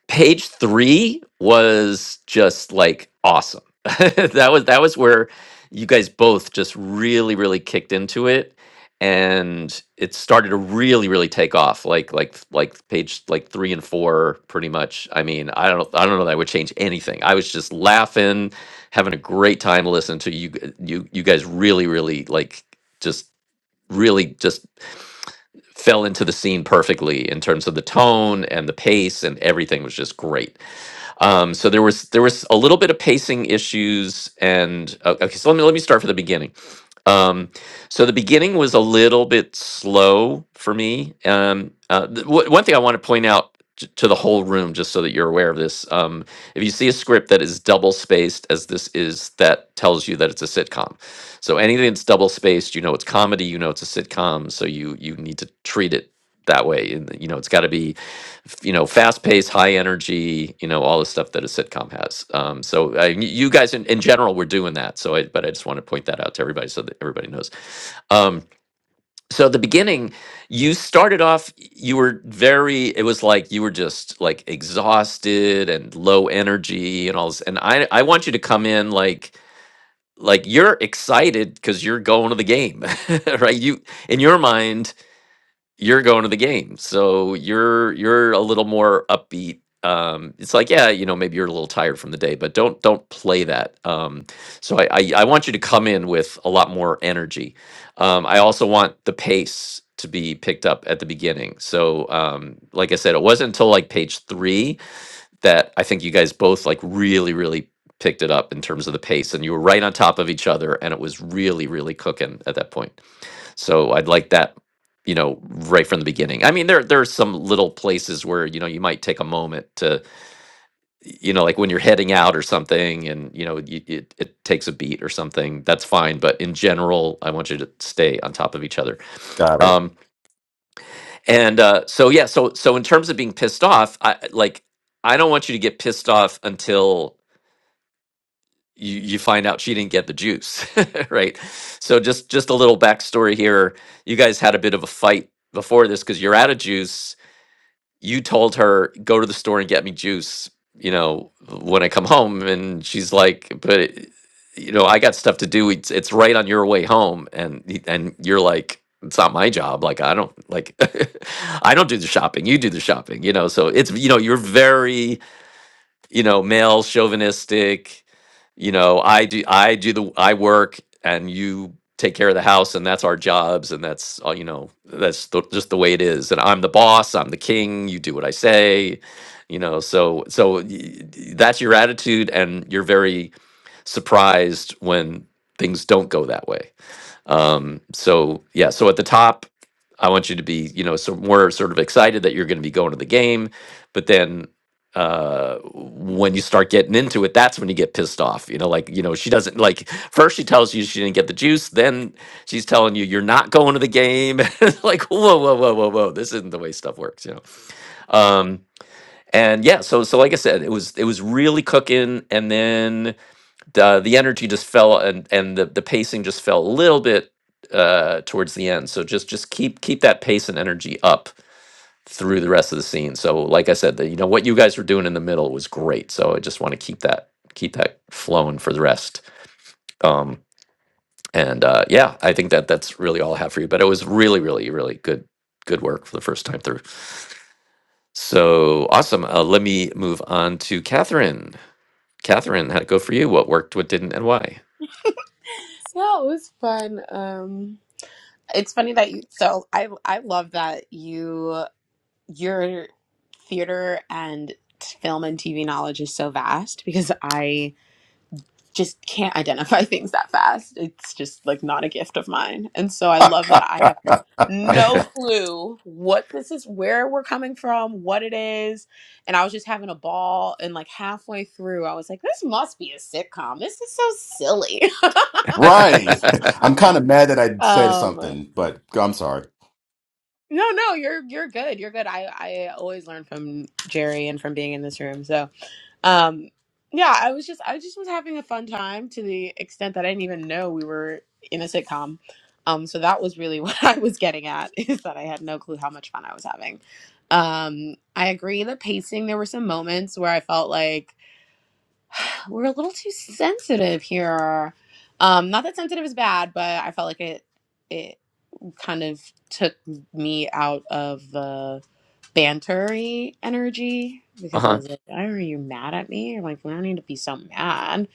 page three was just like awesome. that was that was where you guys both just really really kicked into it, and it started to really really take off. Like like like page like three and four, pretty much. I mean, I don't I don't know that I would change anything. I was just laughing, having a great time listening to you g- you you guys really really like just really just fell into the scene perfectly in terms of the tone and the pace and everything was just great. Um, so there was there was a little bit of pacing issues, and uh, okay, so let me let me start from the beginning. Um, so the beginning was a little bit slow for me. Um, uh, th- w- one thing I want to point out t- to the whole room, just so that you're aware of this, um, if you see a script that is double spaced, as this is, that tells you that it's a sitcom. So anything that's double spaced, you know it's comedy, you know it's a sitcom, so you you need to treat it that way. And you know it's got to be f- you know, fast paced, high energy, you know, all the stuff that a sitcom has. Um, so uh, y- you guys in, in general were doing that. So I, but I just want to point that out to everybody so that everybody knows. Um, so the beginning, you started off, y- you were very, it was like you were just like exhausted and low energy and all this. And I, I want you to come in like, like you're excited because you're going to the game, right? You, in your mind, you're going to the game so you're you're a little more upbeat um it's like yeah you know maybe you're a little tired from the day but don't don't play that um so i i, I want you to come in with a lot more energy um i also want the pace to be picked up at the beginning so um like i said it wasn't until like page three that i think you guys both like really really picked it up in terms of the pace and you were right on top of each other and it was really really cooking at that point so I'd like that, you know, right from the beginning. I mean, there there are some little places where you know you might take a moment to, you know, like when you're heading out or something, and you know, you, it it takes a beat or something. That's fine, but in general, I want you to stay on top of each other.
Got it.
Um, and uh, so yeah, so so in terms of being pissed off, I like I don't want you to get pissed off until you you find out she didn't get the juice, right? So just just a little backstory here. You guys had a bit of a fight before this because you're out of juice. You told her go to the store and get me juice. You know when I come home, and she's like, but. It, you know, I got stuff to do. It's, it's right on your way home, and y- and you're like, it's not my job. Like I don't like, I don't do the shopping. You do the shopping. You know, so it's you know, you're very you know, male chauvinistic, you know, I do I do the I work and you take care of the house and that's our jobs and that's all you know, that's the, just the way it is. And I'm the boss, I'm the king, you do what I say. You know, so so y- y- that's your attitude and you're very surprised when things don't go that way. Um, so yeah, so at the top, I want you to be, you know, so more sort of excited that you're going to be going to the game, but then uh when you start getting into it that's when you get pissed off you know like you know she doesn't like first she tells you she didn't get the juice then she's telling you you're not going to the game it's like whoa whoa whoa whoa whoa this isn't the way stuff works you know um and yeah so so like i said it was it was really cooking and then uh, the energy just fell and and the, the pacing just fell a little bit uh, towards the end. So just just keep keep that pace and energy up through the rest of the scene. So like I said, the, you know what you guys were doing in the middle was great. So I just want to keep that keep that flowing for the rest. Um, and uh, yeah, I think that that's really all I have for you. But it was really really really good good work for the first time through. So awesome. Uh, let me move on to Catherine. Catherine, how'd it go for you? What worked, what didn't, and why?
Yeah, it was fun. Um, it's funny that you, so I I love that you your theater and film and TV knowledge is so vast because I just can't identify things that fast. It's just like not a gift of mine. And so I love that I have no clue what this is, where we're coming from, what it is. And I was just having a ball. And like halfway through, I was like, this must be a sitcom. This is so silly.
Right. I'm kind of mad that I said
um,
something, but I'm sorry.
no, no, you're you're good. You're good. I I always learn from Jerry and from being in this room. So Um, yeah, I was just I just was having a fun time to the extent that I didn't even know we were in a sitcom. Um, so that was really what I was getting at is that I had no clue how much fun I was having. Um, I agree the pacing, there were some moments where I felt like we're a little too sensitive here. Um, not that sensitive is bad, but I felt like it it kind of took me out of the bantery energy because I
Uh-huh.
was like, "Why are you mad at me?" I'm like, "We don't need to be so mad."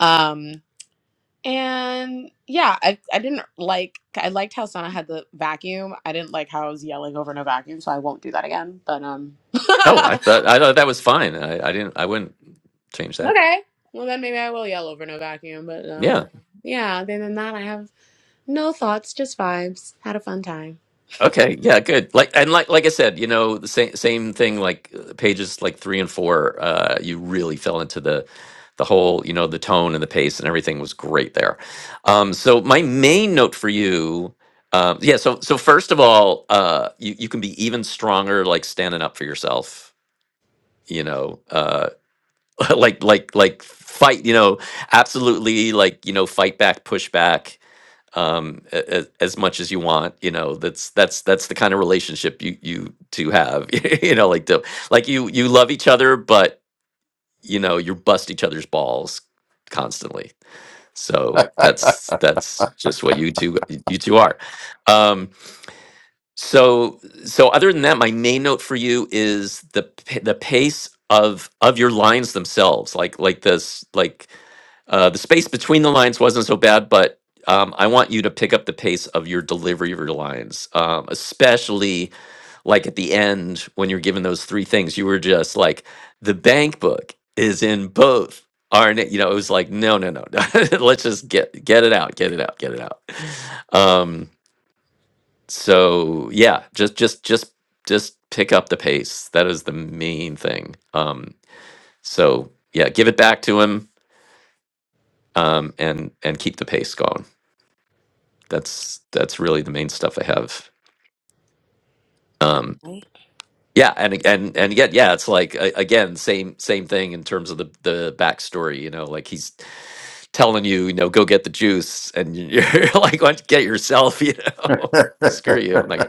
Um, and yeah, I I didn't like I liked how Sana had the vacuum. I didn't like how I was yelling over no vacuum, so I won't do that again. But um, okay,
Oh, I thought I thought that was fine. I, I didn't I wouldn't change that.
well then maybe I will yell over no vacuum. But
Yeah.
um, yeah, other than that, I have no thoughts, just vibes. Had a fun time.
Okay. Yeah, good. Like and like like I said, you know, the same same thing like uh, pages like 3 and 4, uh you really fell into the the whole, you know, the tone and the pace and everything was great there. Um so my main note for you um yeah, so so first of all, uh you you can be even stronger like standing up for yourself, you know. uh, like like like fight you know absolutely like you know fight back push back um as, as much as you want you know that's that's that's the kind of relationship you you two have you know like the like you you love each other but you know you bust each other's balls constantly so that's that's just what you two you two are um so so other than that my main note for you is the p- the pace of of your lines themselves like like this like uh, the space between the lines wasn't so bad, but um, I want you to pick up the pace of your delivery of your lines, um, especially like at the end when you're given those three things. You were just like, the bank book is in both. Aren't it? You know, it was like, no, no, no, no. Let's just get get it out, get it out, get it out. Um, so yeah, just just just just pick up the pace. That is the main thing. Um, so yeah, give it back to him um, and and keep the pace going. that's that's really the main stuff I have. Um,
Right.
yeah, and and and yet, yeah, it's like a- again, same same thing in terms of the the backstory. You know, like he's telling you, you know, go get the juice, and you're like, "Why don't you get yourself, you know,
hey,
screw you. I'm like,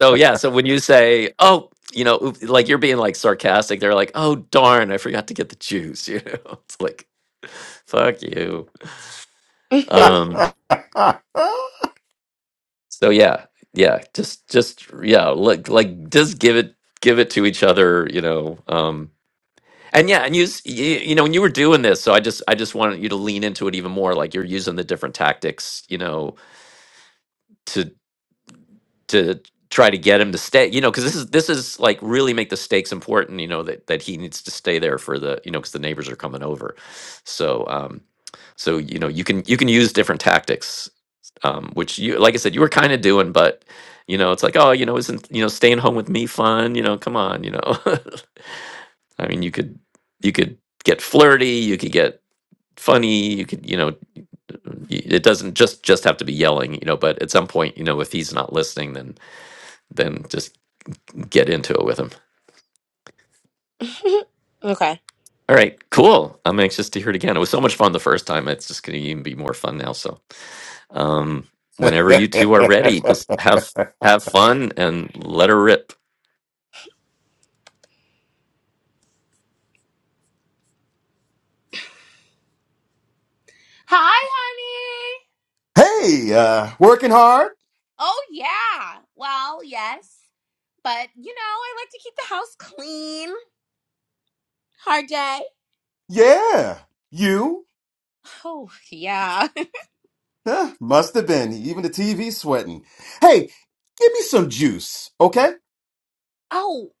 so yeah. So when you say, oh, you know, oop- like you're being like sarcastic, they're like, oh darn, I forgot to get the juice. You know, it's like, fuck you. Um, So yeah, yeah, just just yeah, like like just give it give it to each other, you know. Um and yeah, and use you, you know, when you were doing this, so I just I just wanted you to lean into it even more like you're using the different tactics, you know, to to try to get him to stay, you know, cuz this is this is like really make the stakes important, you know, that that he needs to stay there for the, you know, cuz the neighbors are coming over. So um so you know, you can you can use different tactics um, which you like I said you were kind of doing, but you know it's like oh you know isn't you know staying home with me fun? You know come on you know I mean you could you could get flirty, you could get funny, you could you know y- it doesn't just just have to be yelling you know. But at some point you know if he's not listening then then just get into it with him.
okay.
All right, cool. I'm anxious to hear it again. It was so much fun the first time. It's just going to even be more fun now. So, um, whenever you two are ready, just have have fun and let her rip.
Hi, honey.
uh, working hard?
Oh yeah. Well, yes. But you know, I like to keep the house clean. Hard day.
Yeah. You?
Oh yeah.
Huh, must have been. Even the TV sweating. Hey, give me some juice, okay?
Oh,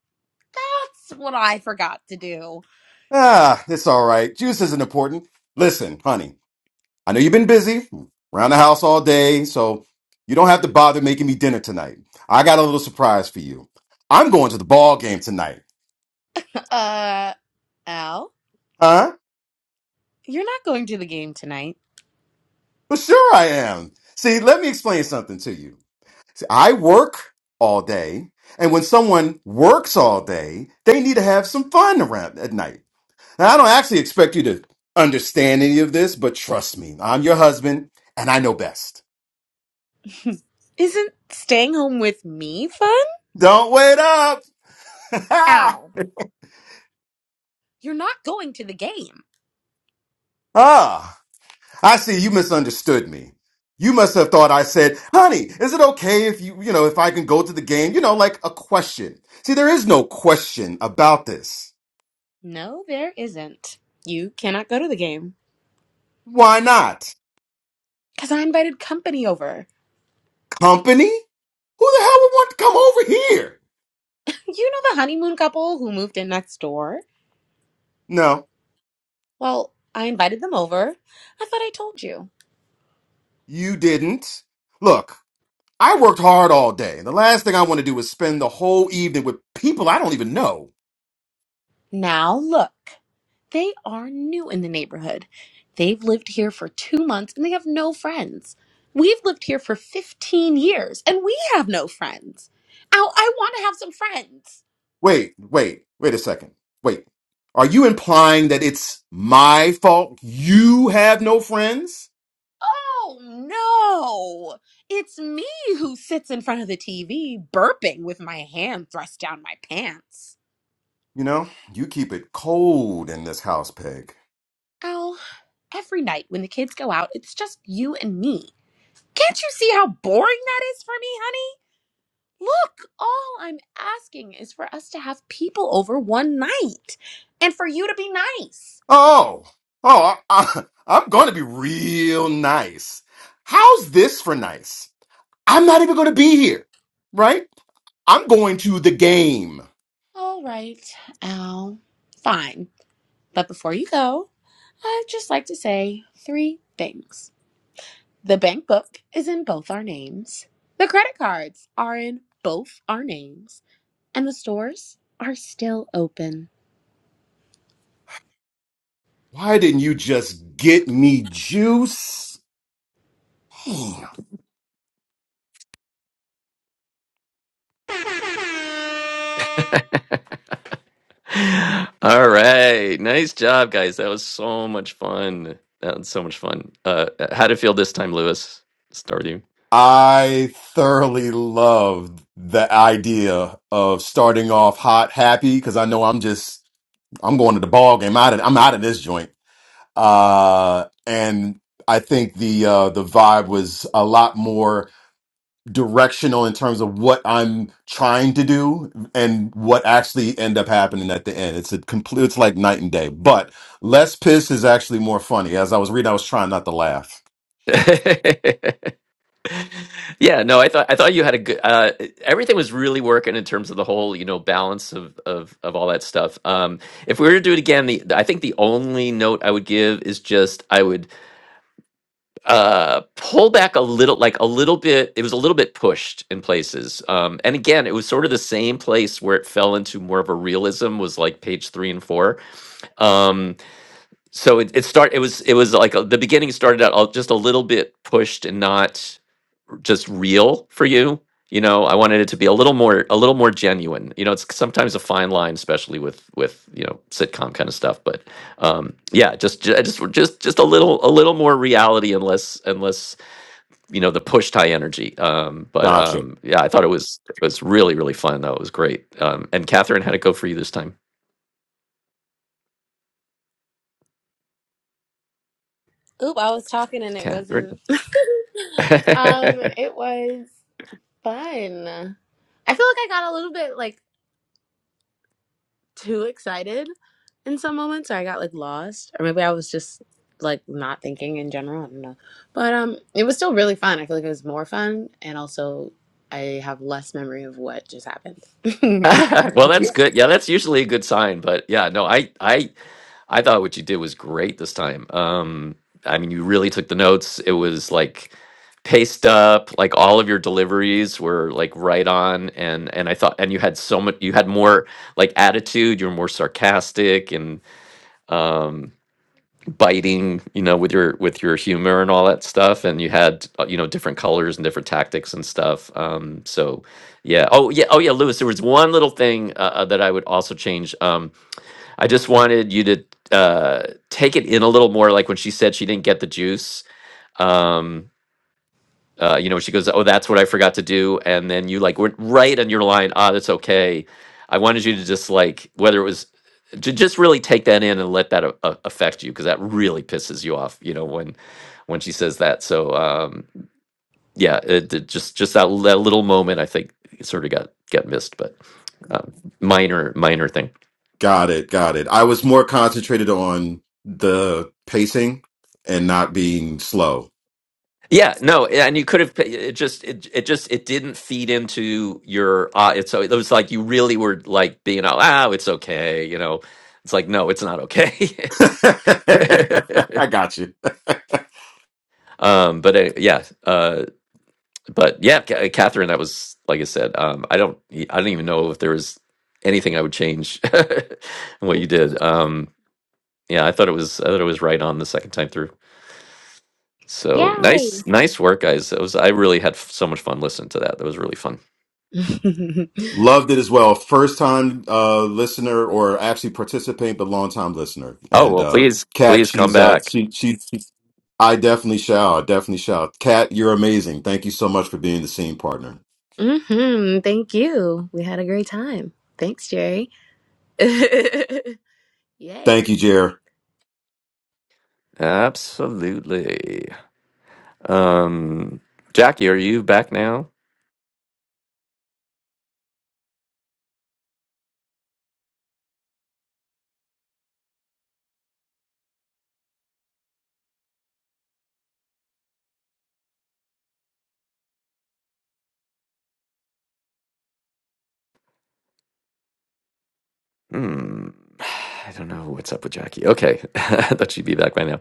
that's what I forgot to do.
Ah, it's all right. Juice isn't important. Listen, honey, I know you've been busy around the house all day, so you don't have to bother making me dinner tonight. I got a little surprise for you. I'm going to the ball game tonight.
Uh Al,
Huh?
you're not going to the game tonight.
Well, sure I am. See, let me explain something to you. See, I work all day, and when someone works all day, they need to have some fun around at night. Now, I don't actually expect you to understand any of this, but trust me, I'm your husband and I know best.
Isn't staying home with me fun?
Don't wait up!
Al, you're not going to the game.
ah, I see you misunderstood me. You must have thought I said, honey, is it okay if you, you know, if I can go to the game? You know, like a question. See, there is no question about this.
No, there isn't. You cannot go to the game.
Why not?
Because I invited company over.
Company? Who the hell would want to come over here?
You know the honeymoon couple who moved in next door?
No,
Well, I invited them over. I thought I told you.
you didn't. Look, I worked hard all day. The last thing I want to do is spend the whole evening with people I don't even know.
Now look, they are new in the neighborhood. They've lived here for two months and they have no friends. We've lived here for 15 years and we have no friends. Ow, I want to have some friends.
Wait, wait, wait a second. Wait. Are you implying that it's my fault you have no friends?
Oh no! It's me who sits in front of the TV burping with my hand thrust down my pants.
You know, you keep it cold in this house, Peg.
Ow, every night when the kids go out, it's just you and me. Can't you see how boring that is for me, honey? Look, all I'm asking is for us to have people over one night and for you to be nice.
Oh, oh, I, I, am going to be real nice. How's this for nice? I'm not even going to be here, right? I'm going to the game.
All right, Al. Fine. But before you go, I'd just like to say three things. The bank book is in both our names, the credit cards are in both our names, and the stores are still open.
Why didn't you just get me juice?
All right. Nice job, guys. That was so much fun. That was so much fun. Uh how'd it feel this time, Lewis? Start with
I thoroughly loved the idea of starting off hot, happy, because I know I'm just I'm going to the ball game. Out of I'm out of this joint. Uh, and I think the uh, the vibe was a lot more directional in terms of what I'm trying to do and what actually end up happening at the end. It's a complete. It's like night and day. But less piss is actually more funny. As I was reading, I was trying not to laugh.
you. yeah, no, I thought I thought you had a good uh everything was really working in terms of the whole, you know, balance of of of all that stuff. Um if we were to do it again, the I think the only note I would give is just I would uh pull back a little like a little bit it was a little bit pushed in places um and again it was sort of the same place where it fell into more of a realism was like page three and four um so it, it start it was it was like a, the beginning started out all- just a little bit pushed and not r- just real for you you know i wanted it to be a little more a little more genuine you know it's sometimes a fine line especially with with you know sitcom kind of stuff but um yeah just ju- just just just a little a little more reality and less and less you know the push tie energy um but
Gotcha.
um yeah i thought it was it was really really fun though it was great um and catherine had it go for you this time
Oop, I was talking and it
catherine
wasn't. um, it was. Fun. I feel like I got a little bit like too excited in some moments, or I got like lost, or maybe I was just like not thinking in general. I don't know, but um, it was still really fun. I feel like it was more fun, and also I have less memory of what just happened.
well that's good yeah that's usually a good sign but yeah no i i i thought what you did was great this time um i mean you really took the notes it was like paced up like all of your deliveries were like right on and and i thought and you had so much you had more like attitude you were more sarcastic and um biting you know with your with your humor and all that stuff and you had uh, you know different colors and different tactics and stuff um so yeah oh yeah oh yeah lewis there was one little thing uh, uh, that i would also change um i just wanted you to uh take it in a little more like when she said she didn't get the juice um uh, you know, she goes, "Oh, that's what I forgot to do," and then you like went right on your line. Ah, that's okay. I wanted you to just like whether it was J- just really take that in and let that a- a- affect you because that really pisses you off you know when when she says that so um yeah it, it just just that, that little moment i think it sort of got got missed but um, minor minor thing
Got it, got it. I was more concentrated on the pacing and not being slow.
yeah no and you could have it just it, it just it didn't feed into your uh it's so it was like you really were like being oh ah, it's okay you know it's like no it's not okay
I got you.
um but uh, yeah uh, but yeah, Ca- uh, Catherine, that was like I said. Um, I don't, I don't even know if there was anything I would change in what you did. Um, yeah, I thought it was, I thought it was right on the second time through. So
Yay!
nice, nice work, guys. It was, I really had f- so much fun listening to that. That was really fun.
Loved it as well. First time uh, listener, or actually participant, but long time listener.
Oh
And
well,
uh,
please,
Kat,
please come
she's uh,
back.
she, she she. I definitely shall. I definitely shall. Kat, you're amazing. Thank you so much for being the scene partner.
hmm Thank you. We had a great time. Thanks, Jerry. Yay.
Thank you, Jer.
Absolutely. Um, Jackie, are you back now? Hmm. I don't know what's up with Jackie. Okay, I thought she'd be back by now.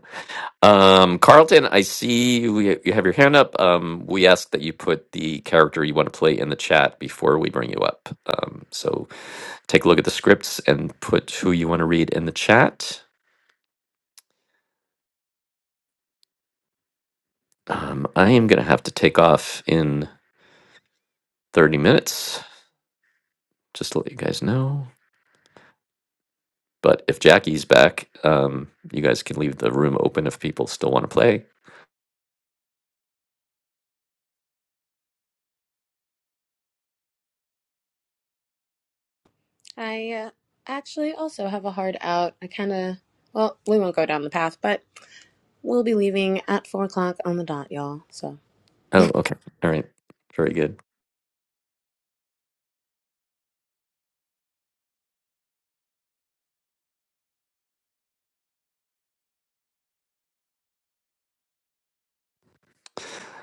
Um, Carlton, I see you, you have your hand up. Um, we ask that you put the character you want to play in the chat before we bring you up. Um, so take a look at the scripts and put who you want to read in the chat. Um, I am going to have to take off in 30 minutes, just to let you guys know. But if Jackie's back, um, you guys can leave the room open if people still want to play.
I uh, actually also have a hard out. I kind of, well, we won't go down the path, but. We'll be leaving at four o'clock on the dot, y'all. So
Oh, okay. All right. Very good.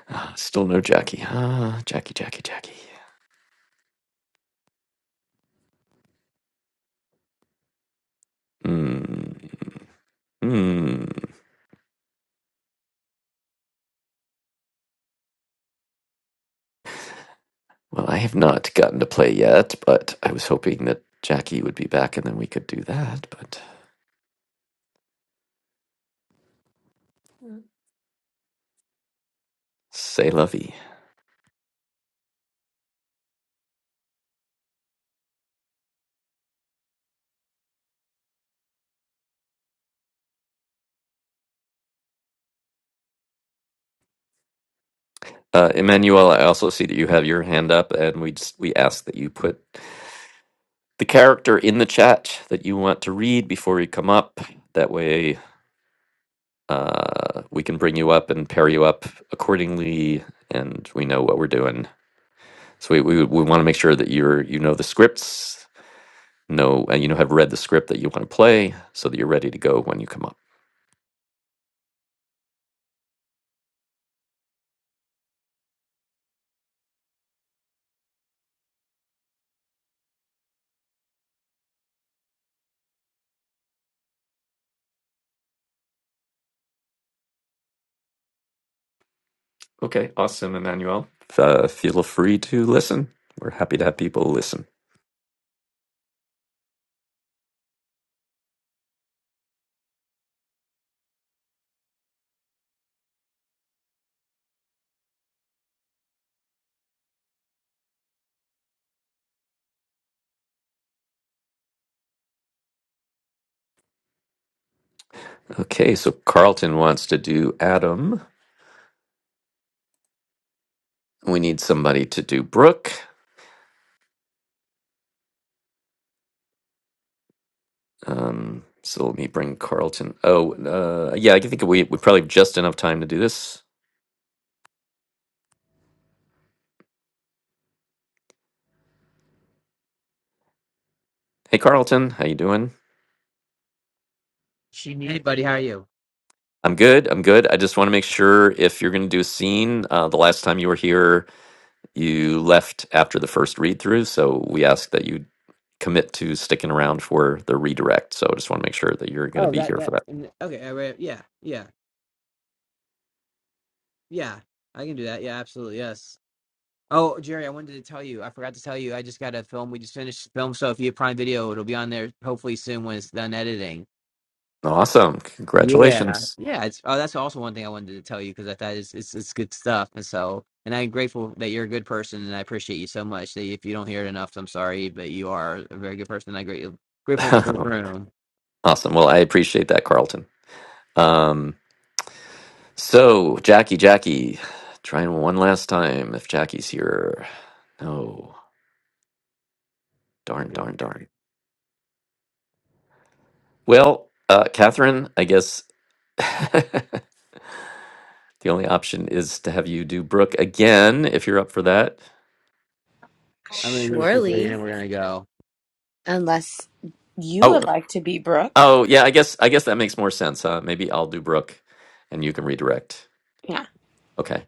Ah, Still no Jackie. Ah, Jackie, Jackie, Jackie. Hmm. hmm. Well, I have not gotten to play yet, but I was hoping that Jackie would be back and then we could do that. But say lovey. Uh, Emmanuel, I also see that you have your hand up, and we just, we ask that you put the character in the chat that you want to read before you come up. That way, uh, we can bring you up and pair you up accordingly, and we know what we're doing. So we we, we want to make sure that you're you know the scripts, know and you know have read the script that you want to play, so that you're ready to go when you come up. Okay, awesome, Emmanuel. Uh, feel free to listen. We're happy to have people listen. Okay, so Carlton wants to do Adam. We need somebody to do Brooke. Um, so let me bring Carlton. Oh, uh, yeah, I think we we probably have just enough time to do this. Hey, Carlton, how you doing? I'm good. I'm good. I just want to make sure if you're going to do a scene. Uh, the last time you were here, You left after the first read through, so we ask that you commit to sticking around for the redirect. So I just want to make sure that you're going to be here for that. Awesome. Congratulations. awesome. Well, I appreciate that, Carlton. Um, so, Jackie, Jackie, trying one last time if Jackie's here. No. Darn, darn, darn. Well, uh, Catherine, I guess the only option is to have you do Brooke again if you're up for that.
surely, unless you would
Oh,
like to be Brooke.
Oh, yeah, I guess I guess that makes more sense, huh? Maybe I'll do Brooke and you can redirect.
Yeah,
Okay.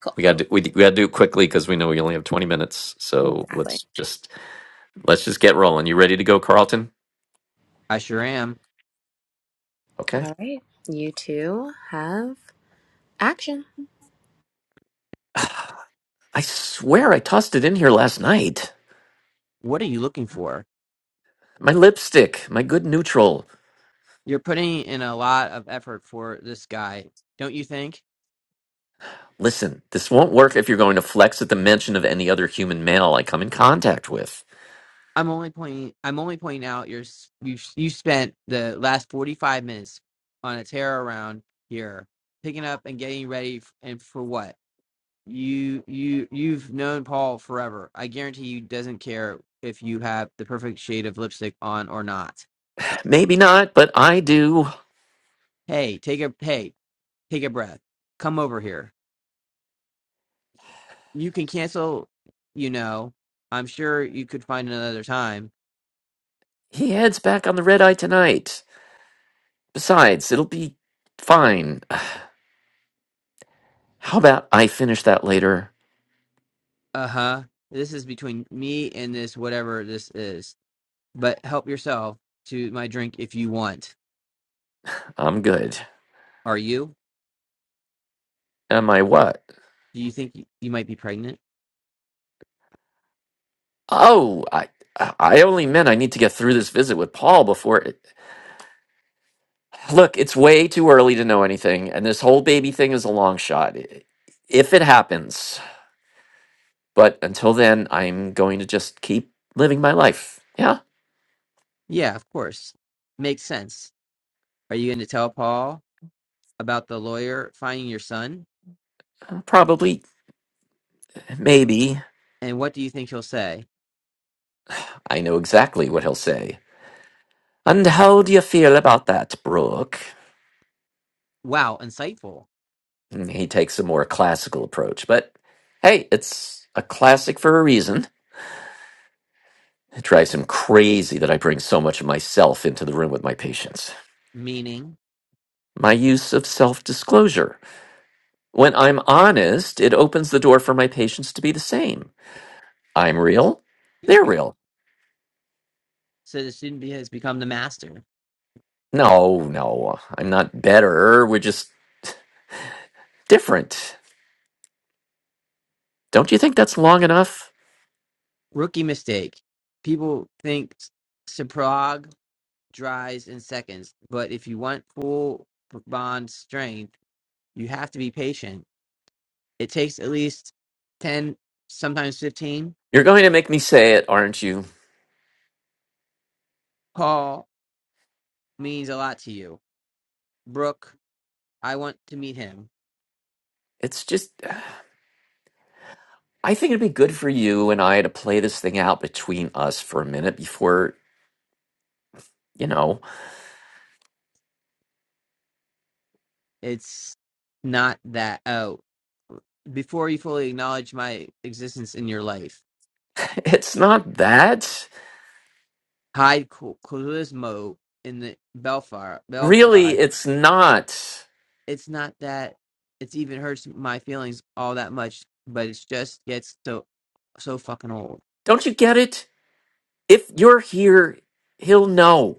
cool.
We got to we, we got to do it quickly cuz we know we only have 20 minutes. So,
Exactly.
let's just let's just get rolling. You ready to go, Carlton? Okay.
All right. You two have action.
I swear I tossed it in here last night. My lipstick, my good neutral. Listen, this won't work if you're going to flex at the mention of any other human male I come in contact with. Maybe not, but I do. He heads back on the red eye tonight. Besides, it'll be fine. How about I finish that later? I'm good. Am I what? Oh, I I only meant I need to get through this visit with Paul before it. Look, it's way too early to know anything, and this whole baby thing is a long shot. i- If it happens. But until then, I'm going to just keep living my life. Yeah, probably, maybe. I know exactly what he'll say. And how do you feel about that, Brooke? Hmm, He takes a more classical approach, but hey, it's a classic for a reason. It drives him crazy that I bring so much of myself into the room with my patients. My use of self disclosure. When I'm honest, it opens the door for my patients to be the same. I'm real, they're real. No, no, I'm not better. We're just different. Don't you think that's long enough? You're going to make me say it, aren't you? It's just, I think it'd be good for you and I to play this thing out between us for a minute before, you know, it's not that. Really, it's not. Don't you get it? If you're here, he'll know.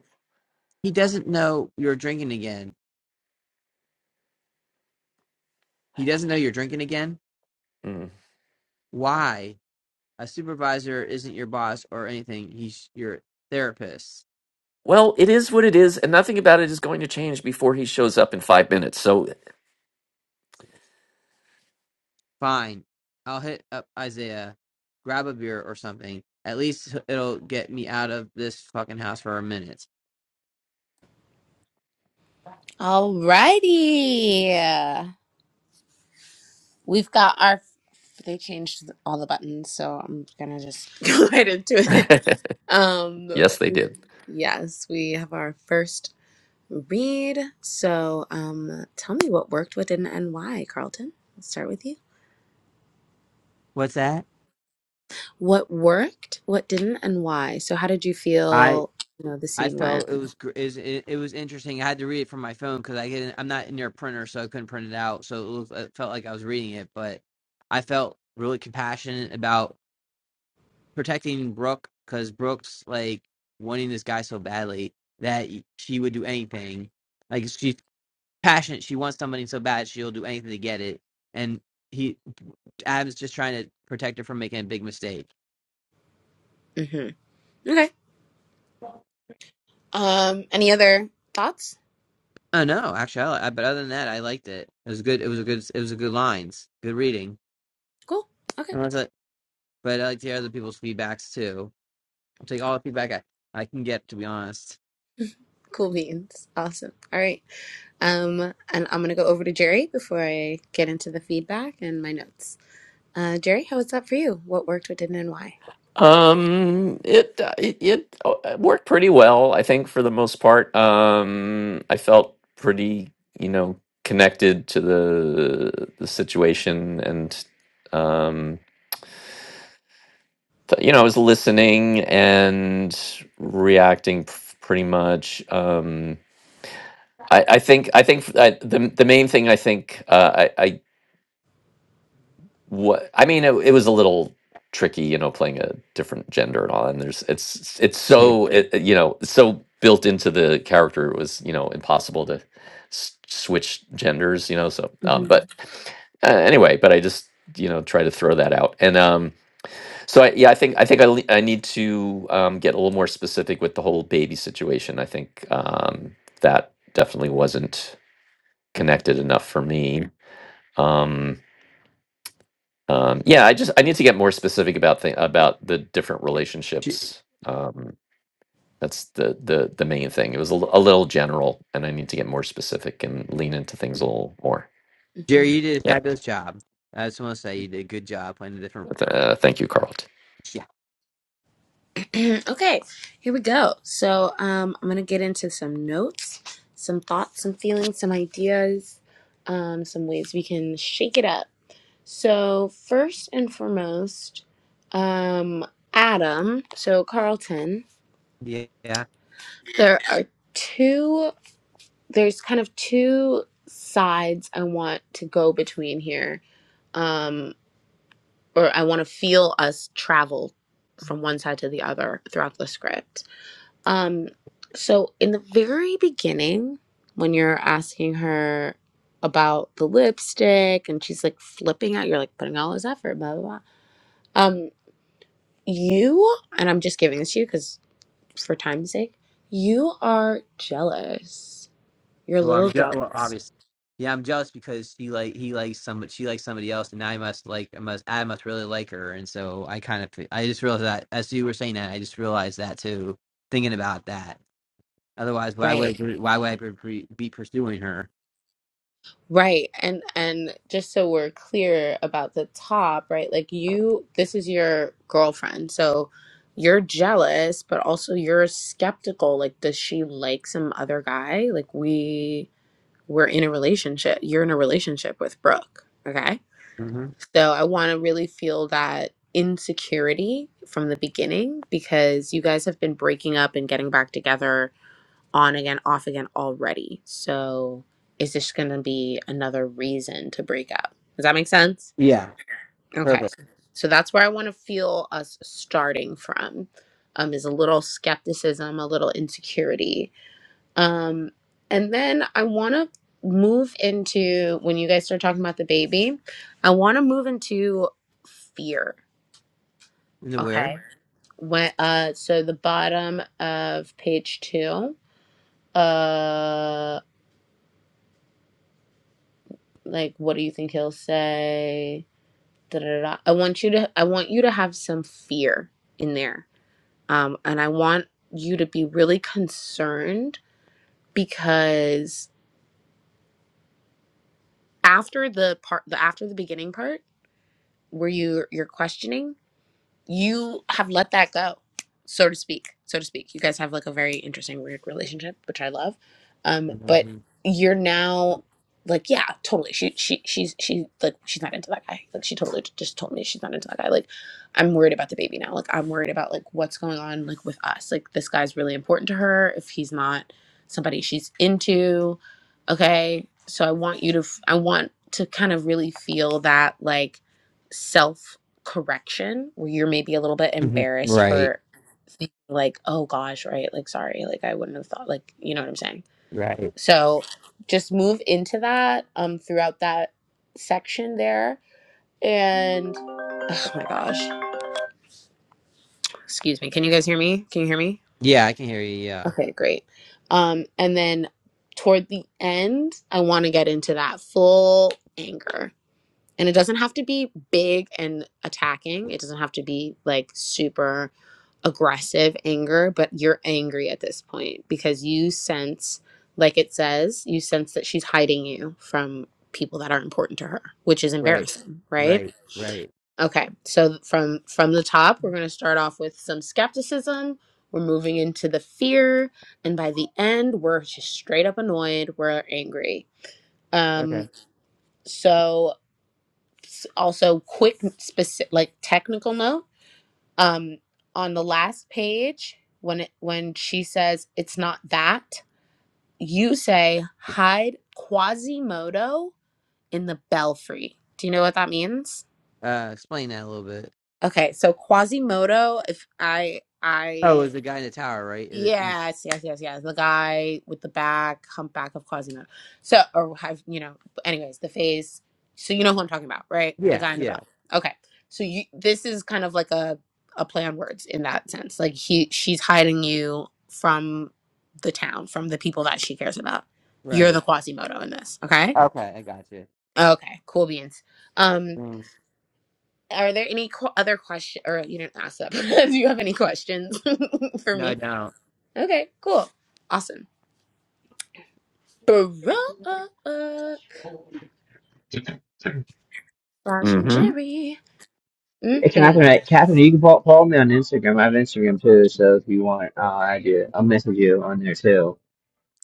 Mm. Well, it is what it is, and nothing about it is going to change before he shows up in five minutes. So,
Alrighty. We've got our they changed all the buttons, so I'm gonna just go right into it. Um
yes, they did.
Yes, we have our first read. So um tell me what worked, what didn't, and why, Carlton. Let's start with you. What worked, what didn't, and why? So how did you feel, you know, the scene went? hmm Okay. Um, any other thoughts? Cool. Okay. Cool beans. Awesome. All right. Um, and I'm gonna go over to Jerry before I get into the feedback and my notes. Uh, Jerry, how was that for you? What worked, what didn't, and why?
Um, it uh, it, it uh, it worked pretty well, I think, for the most part. Um, I felt pretty, you know, connected to the the situation, and um. th- you know, I was listening and reacting p- pretty much. Um, I, I think I think f- I, the the main thing I think uh, I I what I mean it, it was a little tricky, you know, playing a different gender and all. And there's it's it's so it, it, you know so built into the character it was you know impossible to s- switch genders, you know. So um,
hmm
but uh, anyway, but I just you know try to throw that out and um So I, yeah, I think I think I, le- I need to um, get a little more specific with the whole baby situation. I think um, that definitely wasn't connected enough for me. Um, um, yeah, I just I need to get more specific about thing about the different relationships. Um, that's the the the main thing. It was a, l- a little general, and I need to get more specific and lean into things a little more.
hmm
Yeah. Uh, thank you, Carl.
okay, here we go. So um, I'm gonna get into some notes, some thoughts, some feelings, some ideas, um, some ways we can shake it up. So, first and foremost, um, Adam, so Carlton, there are two, there's kind of two sides I want to go between here, um, or I want to feel us travel from one side to the other throughout the script. Um, so, in the very beginning, when you're asking her about the lipstick and she's like flipping out, you're like putting all this effort, blah, blah, blah. Um, You, and I'm just giving this to you because for time's sake, you are jealous. You're a little jealous. Right. Right. And and just so we're clear about the top, right? Like you this is your girlfriend. So you're jealous, but also you're skeptical. Like, does she like some other guy? Like we we're in a relationship. You're in a relationship with Brooke. Okay So I want to really feel that insecurity from the beginning because you guys have been breaking up and getting back together on again, off again already. So is this going to be another reason to break up? Does that make sense? Okay. So that's where I want to feel us starting from. Um, is a little skepticism, a little insecurity, um, and then I want to move into when you guys start talking about the baby, I want to move into fear. Okay. When uh so the bottom of page 2, uh like what do you think he'll say? Da, da, da, da. I want you to I want you to have some fear in there. Um and I want you to be really concerned because after the part the after the beginning part were you you're questioning? you have let that go, so to speak, so to speak. You guys have like a very interesting, weird relationship, which I love. Um, but you're now like, yeah, totally. She she she's she like she's not into that guy. Like she totally just told me she's not into that guy. Like I'm worried about the baby now. Like I'm worried about like what's going on like with us. Like this guy's really important to her. If he's not somebody she's into, okay. So I want you to f- I want to kind of really feel that like self correction where you're maybe a little bit embarrassed for thinking like oh gosh right like sorry like i wouldn't have thought like you know what i'm saying so just move into that um throughout that section there and oh my gosh excuse me can you guys hear me can you hear me okay great um and then toward the end i want to get into that full anger And it doesn't have to be big and attacking. It doesn't have to be like super aggressive anger, but you're angry at this point because you sense, like it says, you sense that she's hiding you from people that are important to her, which is embarrassing, right? Okay. So from from the top, we're going to start off with some skepticism. We're moving into the fear, and by the end, we're just straight up annoyed, we're angry. Um so s- also quick specific like technical note um on the last page when it when she says it's not that you say hide quasimodo in the belfry do you know what that means okay so quasimodo if i i Yes, yes, yes, yes. The guy with the back, humpback of Quasimodo. So, or have, you know, anyways, the face. So you know who I'm talking about, right? The guy in the bell. Okay. So you, this is kind of like a, a play on words in that sense. Like he, she's hiding you from the town, from the people that she cares about. You're the Quasimodo in this. Okay. Okay. Cool beans. Um, are there any qu- other question or you didn't ask that? but Do you have any questions for me? Okay. Cool. Awesome. Barack slash
Mm-hmm.
Jerry.
Hey, Catherine,
Mm-hmm.
I,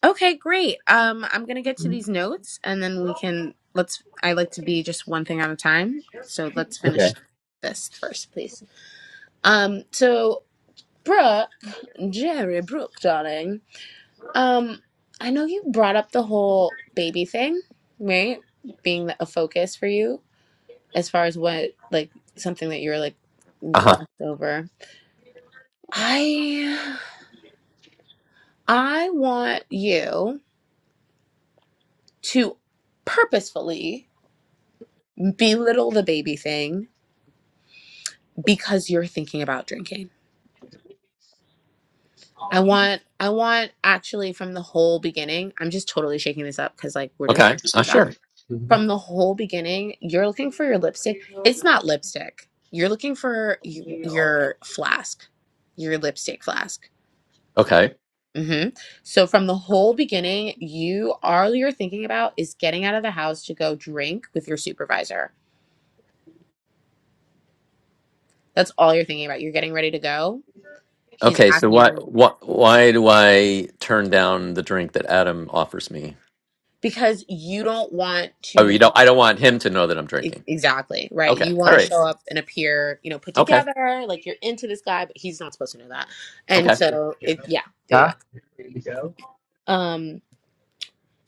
Okay, great. Um, I'm gonna get to these notes, and then we can let's. I like to be just one thing at a time, so let's finish
okay,
this first, please. Um, so Brooke, Jerry, Brooke, darling. Um, I know you brought up the whole baby thing, right? Being a focus for you as far as what like something that you were like
Uh huh.
glossed over. I I want you to purposefully belittle the baby thing because you're thinking about drinking. I want, I want actually from the whole beginning, I'm just totally shaking this up because like we're just
Okay.
going through
Uh,
that.
sure.
From the whole beginning, you're looking for your lipstick. It's not lipstick. You're looking for y- your flask, your lipstick flask.
Okay.
hmm So from the whole beginning, you all you're thinking about is getting out of the house to go drink with your supervisor That's all you're thinking about. You're getting ready to go. He's
Okay, so
asking you all
why
these-
why why do I turn down the drink that Adam offers me?
because you don't want
Oh,
to
you don't. I don't want him to know that I'm
ex-
drinking.
exactly right.
Okay.
You want
All
to
right.
show up and appear, you know, put
Okay.
together, like you're into this guy, but he's not supposed to know that. And
Okay.
so, it yeah, there you go. Um,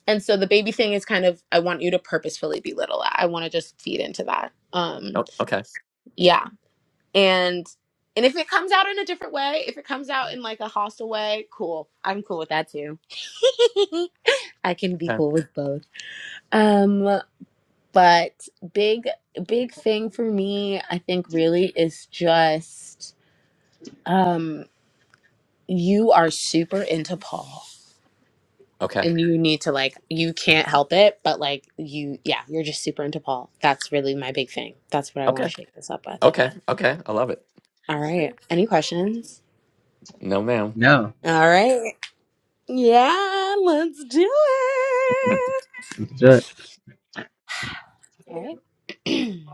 and so the baby thing is kind of I want you to purposefully belittle that. I want to just feed into that. Um,
o- Okay.
yeah, and and if it comes out in a different way, if it comes out in like a hostile way, cool. I'm cool with that too. I can be
Okay.
cool with both. Um but big big thing for me i think really is just um you are super into paul
Okay.
and you need to like you can't help it but like you yeah you're just super into paul that's really my big thing that's what i want to
Okay.
shake this up with
Okay. Okay. I love it.
all right any questions
No, ma'am.
all right yeah let's do it
let's do it.
all right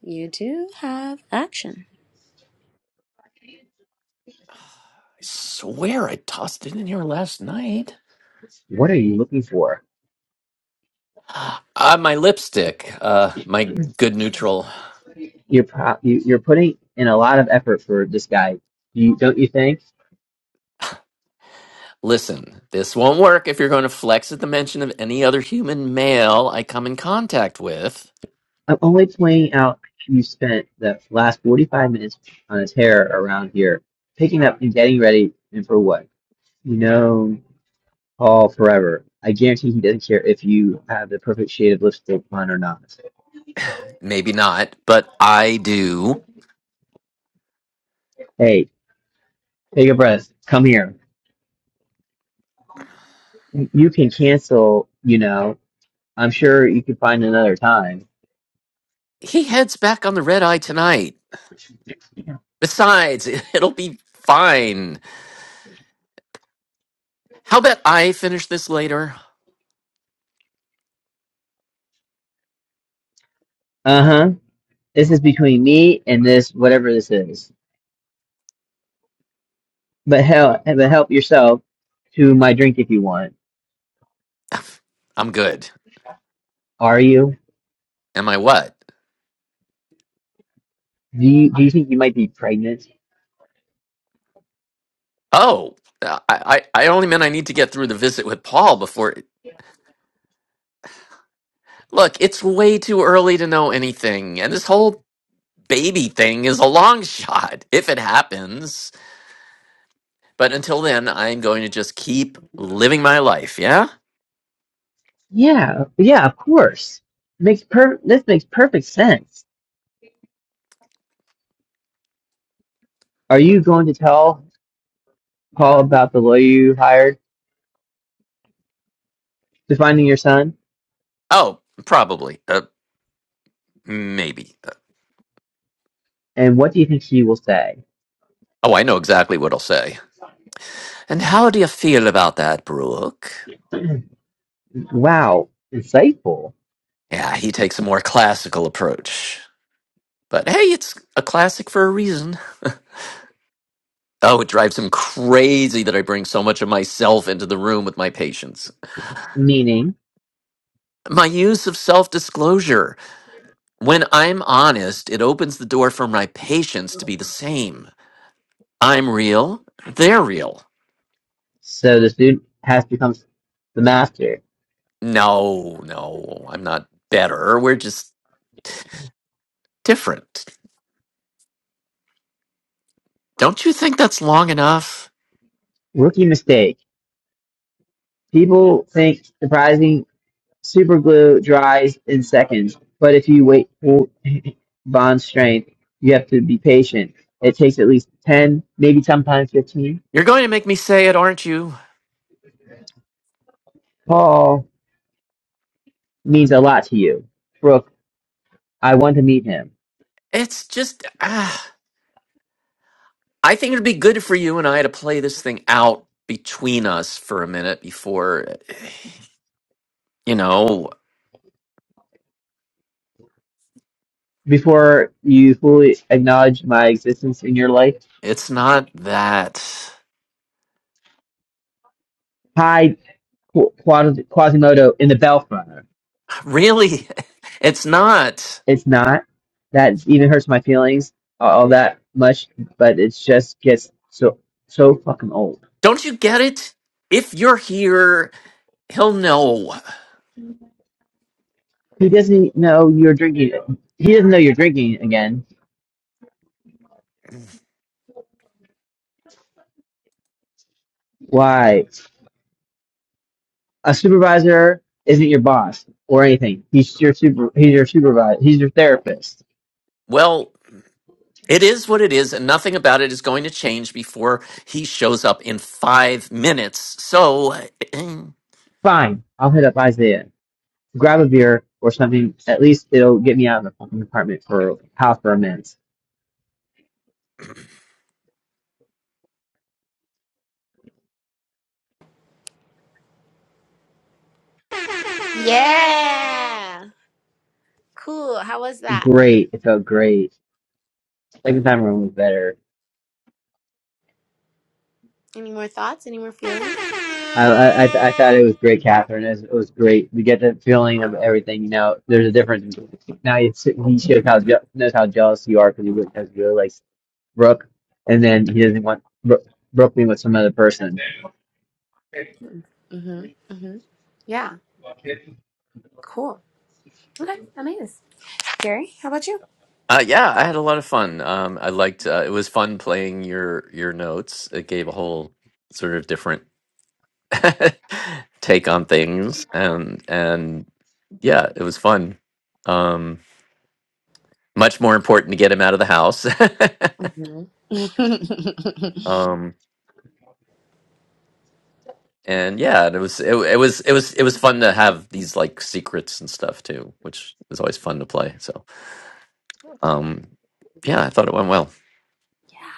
you do have action
I swear I tossed it in here last night.
What are you looking for?
Uh, my lipstick. Uh, my good neutral. Listen, this won't work if you're going to flex at the mention of any other human male I come in contact with. Maybe not, but I do.
Hey,
he heads back on the red eye tonight. Besides, it- it'll be fine. How about I finish this later?
uh huh. This is between me and this, whatever this is. But hell, but help yourself to my drink if you want.
I'm good.
Are you?
Am I what?
Do you do you think you might be pregnant?
Oh, I, I, I only meant I need to get through the visit with Paul before. Look, it's way too early to know anything, and this whole baby thing is a long shot if it happens. But until then, I'm going to just keep living my life, yeah?
Yeah, yeah, of course. Makes per this makes perfect sense. Are you going to tell Paul about the lawyer you hired to finding your son?
Oh, probably. Uh, maybe. Uh,
And what do you think he will say?
oh, I know exactly what I'll say. And how do you feel about that, Brooke?
Wow, insightful.
Yeah, he takes a more classical approach. But hey, it's a classic for a reason. Oh, it drives him crazy that I bring so much of myself into the room with my patients.
Meaning?
My use of self disclosure. When I'm honest, it opens the door for my patients to be the same. I'm real, they're real.
So the student has become the master.
No, no, I'm not better. We're just different. Don't you think that's long enough?
Rookie mistake. People think surprising super glue dries in seconds, but if you wait for bond strength, you have to be patient. It takes at least 10, maybe sometimes 15.
You're going to make me say it, aren't you?
Paul means a lot to you. Brooke, I want to meet him.
It's just, ah, I think it'd be good for you and I to play this thing out between us for a minute before, you know,
Before you fully acknowledge my existence in your life,
it's not that.
hide Qu- Quas- Quasimodo in the Bellflower.
Really, it's not.
It's not. That even hurts my feelings all that much, but it just gets so so fucking old.
Don't you get it? If you're here, he'll know.
He doesn't know you're drinking. He doesn't know you're drinking again. Why? A supervisor isn't your boss or anything. He's your super. He's your supervisor. He's your therapist.
Well, it is what it is, and nothing about it is going to change before he shows up in five minutes. So.
Fine. I'll hit up Isaiah. Grab a beer or something. At least it'll get me out of the fucking apartment for house for a minute.
yeah cool how was that
Great. It felt great. Second time around was better
Any more thoughts? Any more feelings?
I I I, th- I thought it was great, Catherine. It was, it was great. We get the feeling of everything. You know, there's a difference. Now it's, he shows how je- knows how jealous you are because he really- has really likes Brooke, and then he doesn't want Brooke, Brooke being with some other person.
Mm-hmm. Mm-hmm. Yeah. Cool. Okay. Amazing. Gary, how about you?
Uh, yeah, I had a lot of fun. Um, I liked uh, it was fun playing your your notes. It gave a whole sort of different take on things, and and yeah, it was fun. Um, much more important to get him out of the house.
Mm-hmm.
um, and yeah, and it was it, it was it was it was fun to have these like secrets and stuff too, which was always fun to play. So um, yeah, I thought it went well.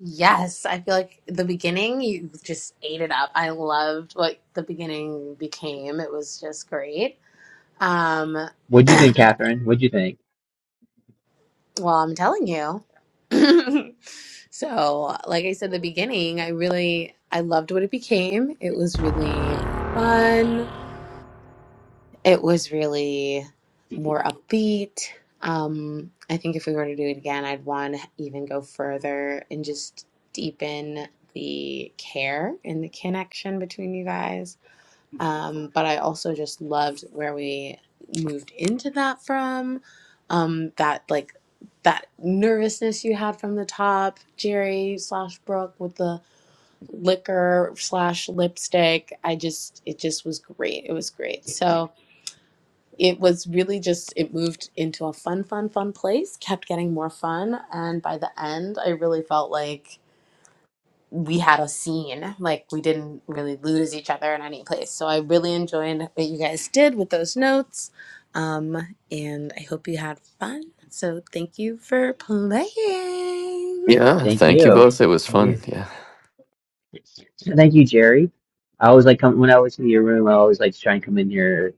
yes. I feel like the beginning, you just ate it up. I loved what the beginning became. It was just great. Um,
What'd you think,
well,
Catherine? What'd you think?
I'm telling you. so, like I said, the beginning, I really, I loved what it became. It was really fun. It was really more upbeat. Um, I think if we were to do it again, I'd want to even go further and just deepen the care and the connection between you guys. Um, but I also just loved where we moved into that from. Um, that like that nervousness you had from the top, Jerry slash Brooke with the liquor slash lipstick. I just it just was great. It was great. So it was really just it moved into a fun fun fun place kept getting more fun and by the end i really felt like we had a scene like we didn't really lose each other in any place so i really enjoyed what you guys did with those notes um, and i hope you had fun so thank you for playing
Yeah,
Thank
thank you
you.
both. It was
Yeah.
fun. Yeah,
Thank you, Jerry. I always like come when I always see your room. I always like to try and come in here.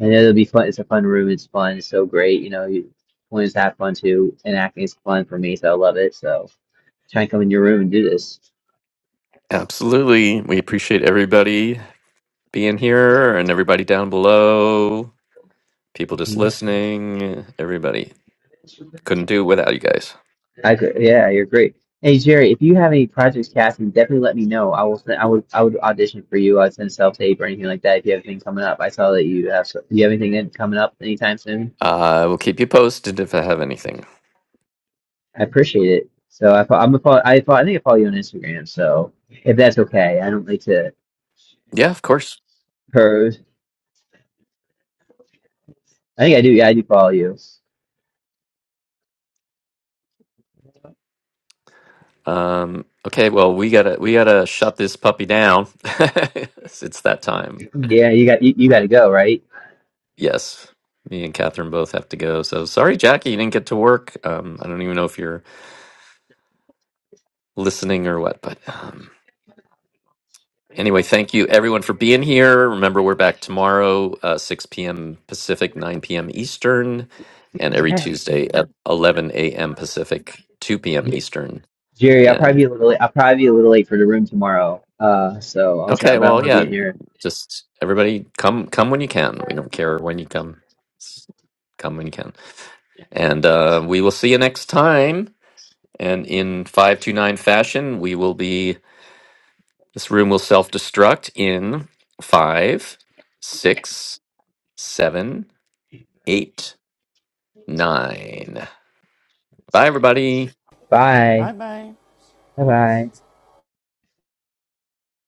And it'll be fun. It's a fun room. It's fun. It's so great. You know, you
absolutely. We appreciate everybody. being here and everybody down below, people just listening, everybody. Couldn't do it without you guys.
and coming up anytime soon.
I will keep you posted if I have anything.
I appreciate it. So I, fo- I'm a follow, I follow, I think I follow you on Instagram. So if that's okay, I don't like to
Yeah, of course.
pose. I think I do. Yeah, I do follow you.
Um, okay, well we gotta we gotta shut this puppy down. it's that time.
Yeah, you got you, you got to go right,
Yes. Me and Catherine both have to go. So sorry, Jackie, you didn't get to work. Um, I don't even know if you're listening or what, but um, Anyway, thank you everyone for being here. Remember, we're back tomorrow, uh, 6 p.m. Pacific, 9 p.m. Eastern, and every
Okay.
Tuesday at 11 a.m. Pacific, 2 p.m.
J-
Eastern.
Jerry. I'll probably
And
be a little. Late, I'll probably be a little late for the room tomorrow. Uh, so I'll try,
okay,
but I'm
well,
gonna be
yeah,
in here.
just everybody come come when you can. We don't care when you come. S- Come when you can. And uh, we will see you next time. And in 529 fashion, we will be, this room will self destruct in five, six, seven eight, nine. Bye, everybody.
Bye.
Bye bye.
Bye. Bye.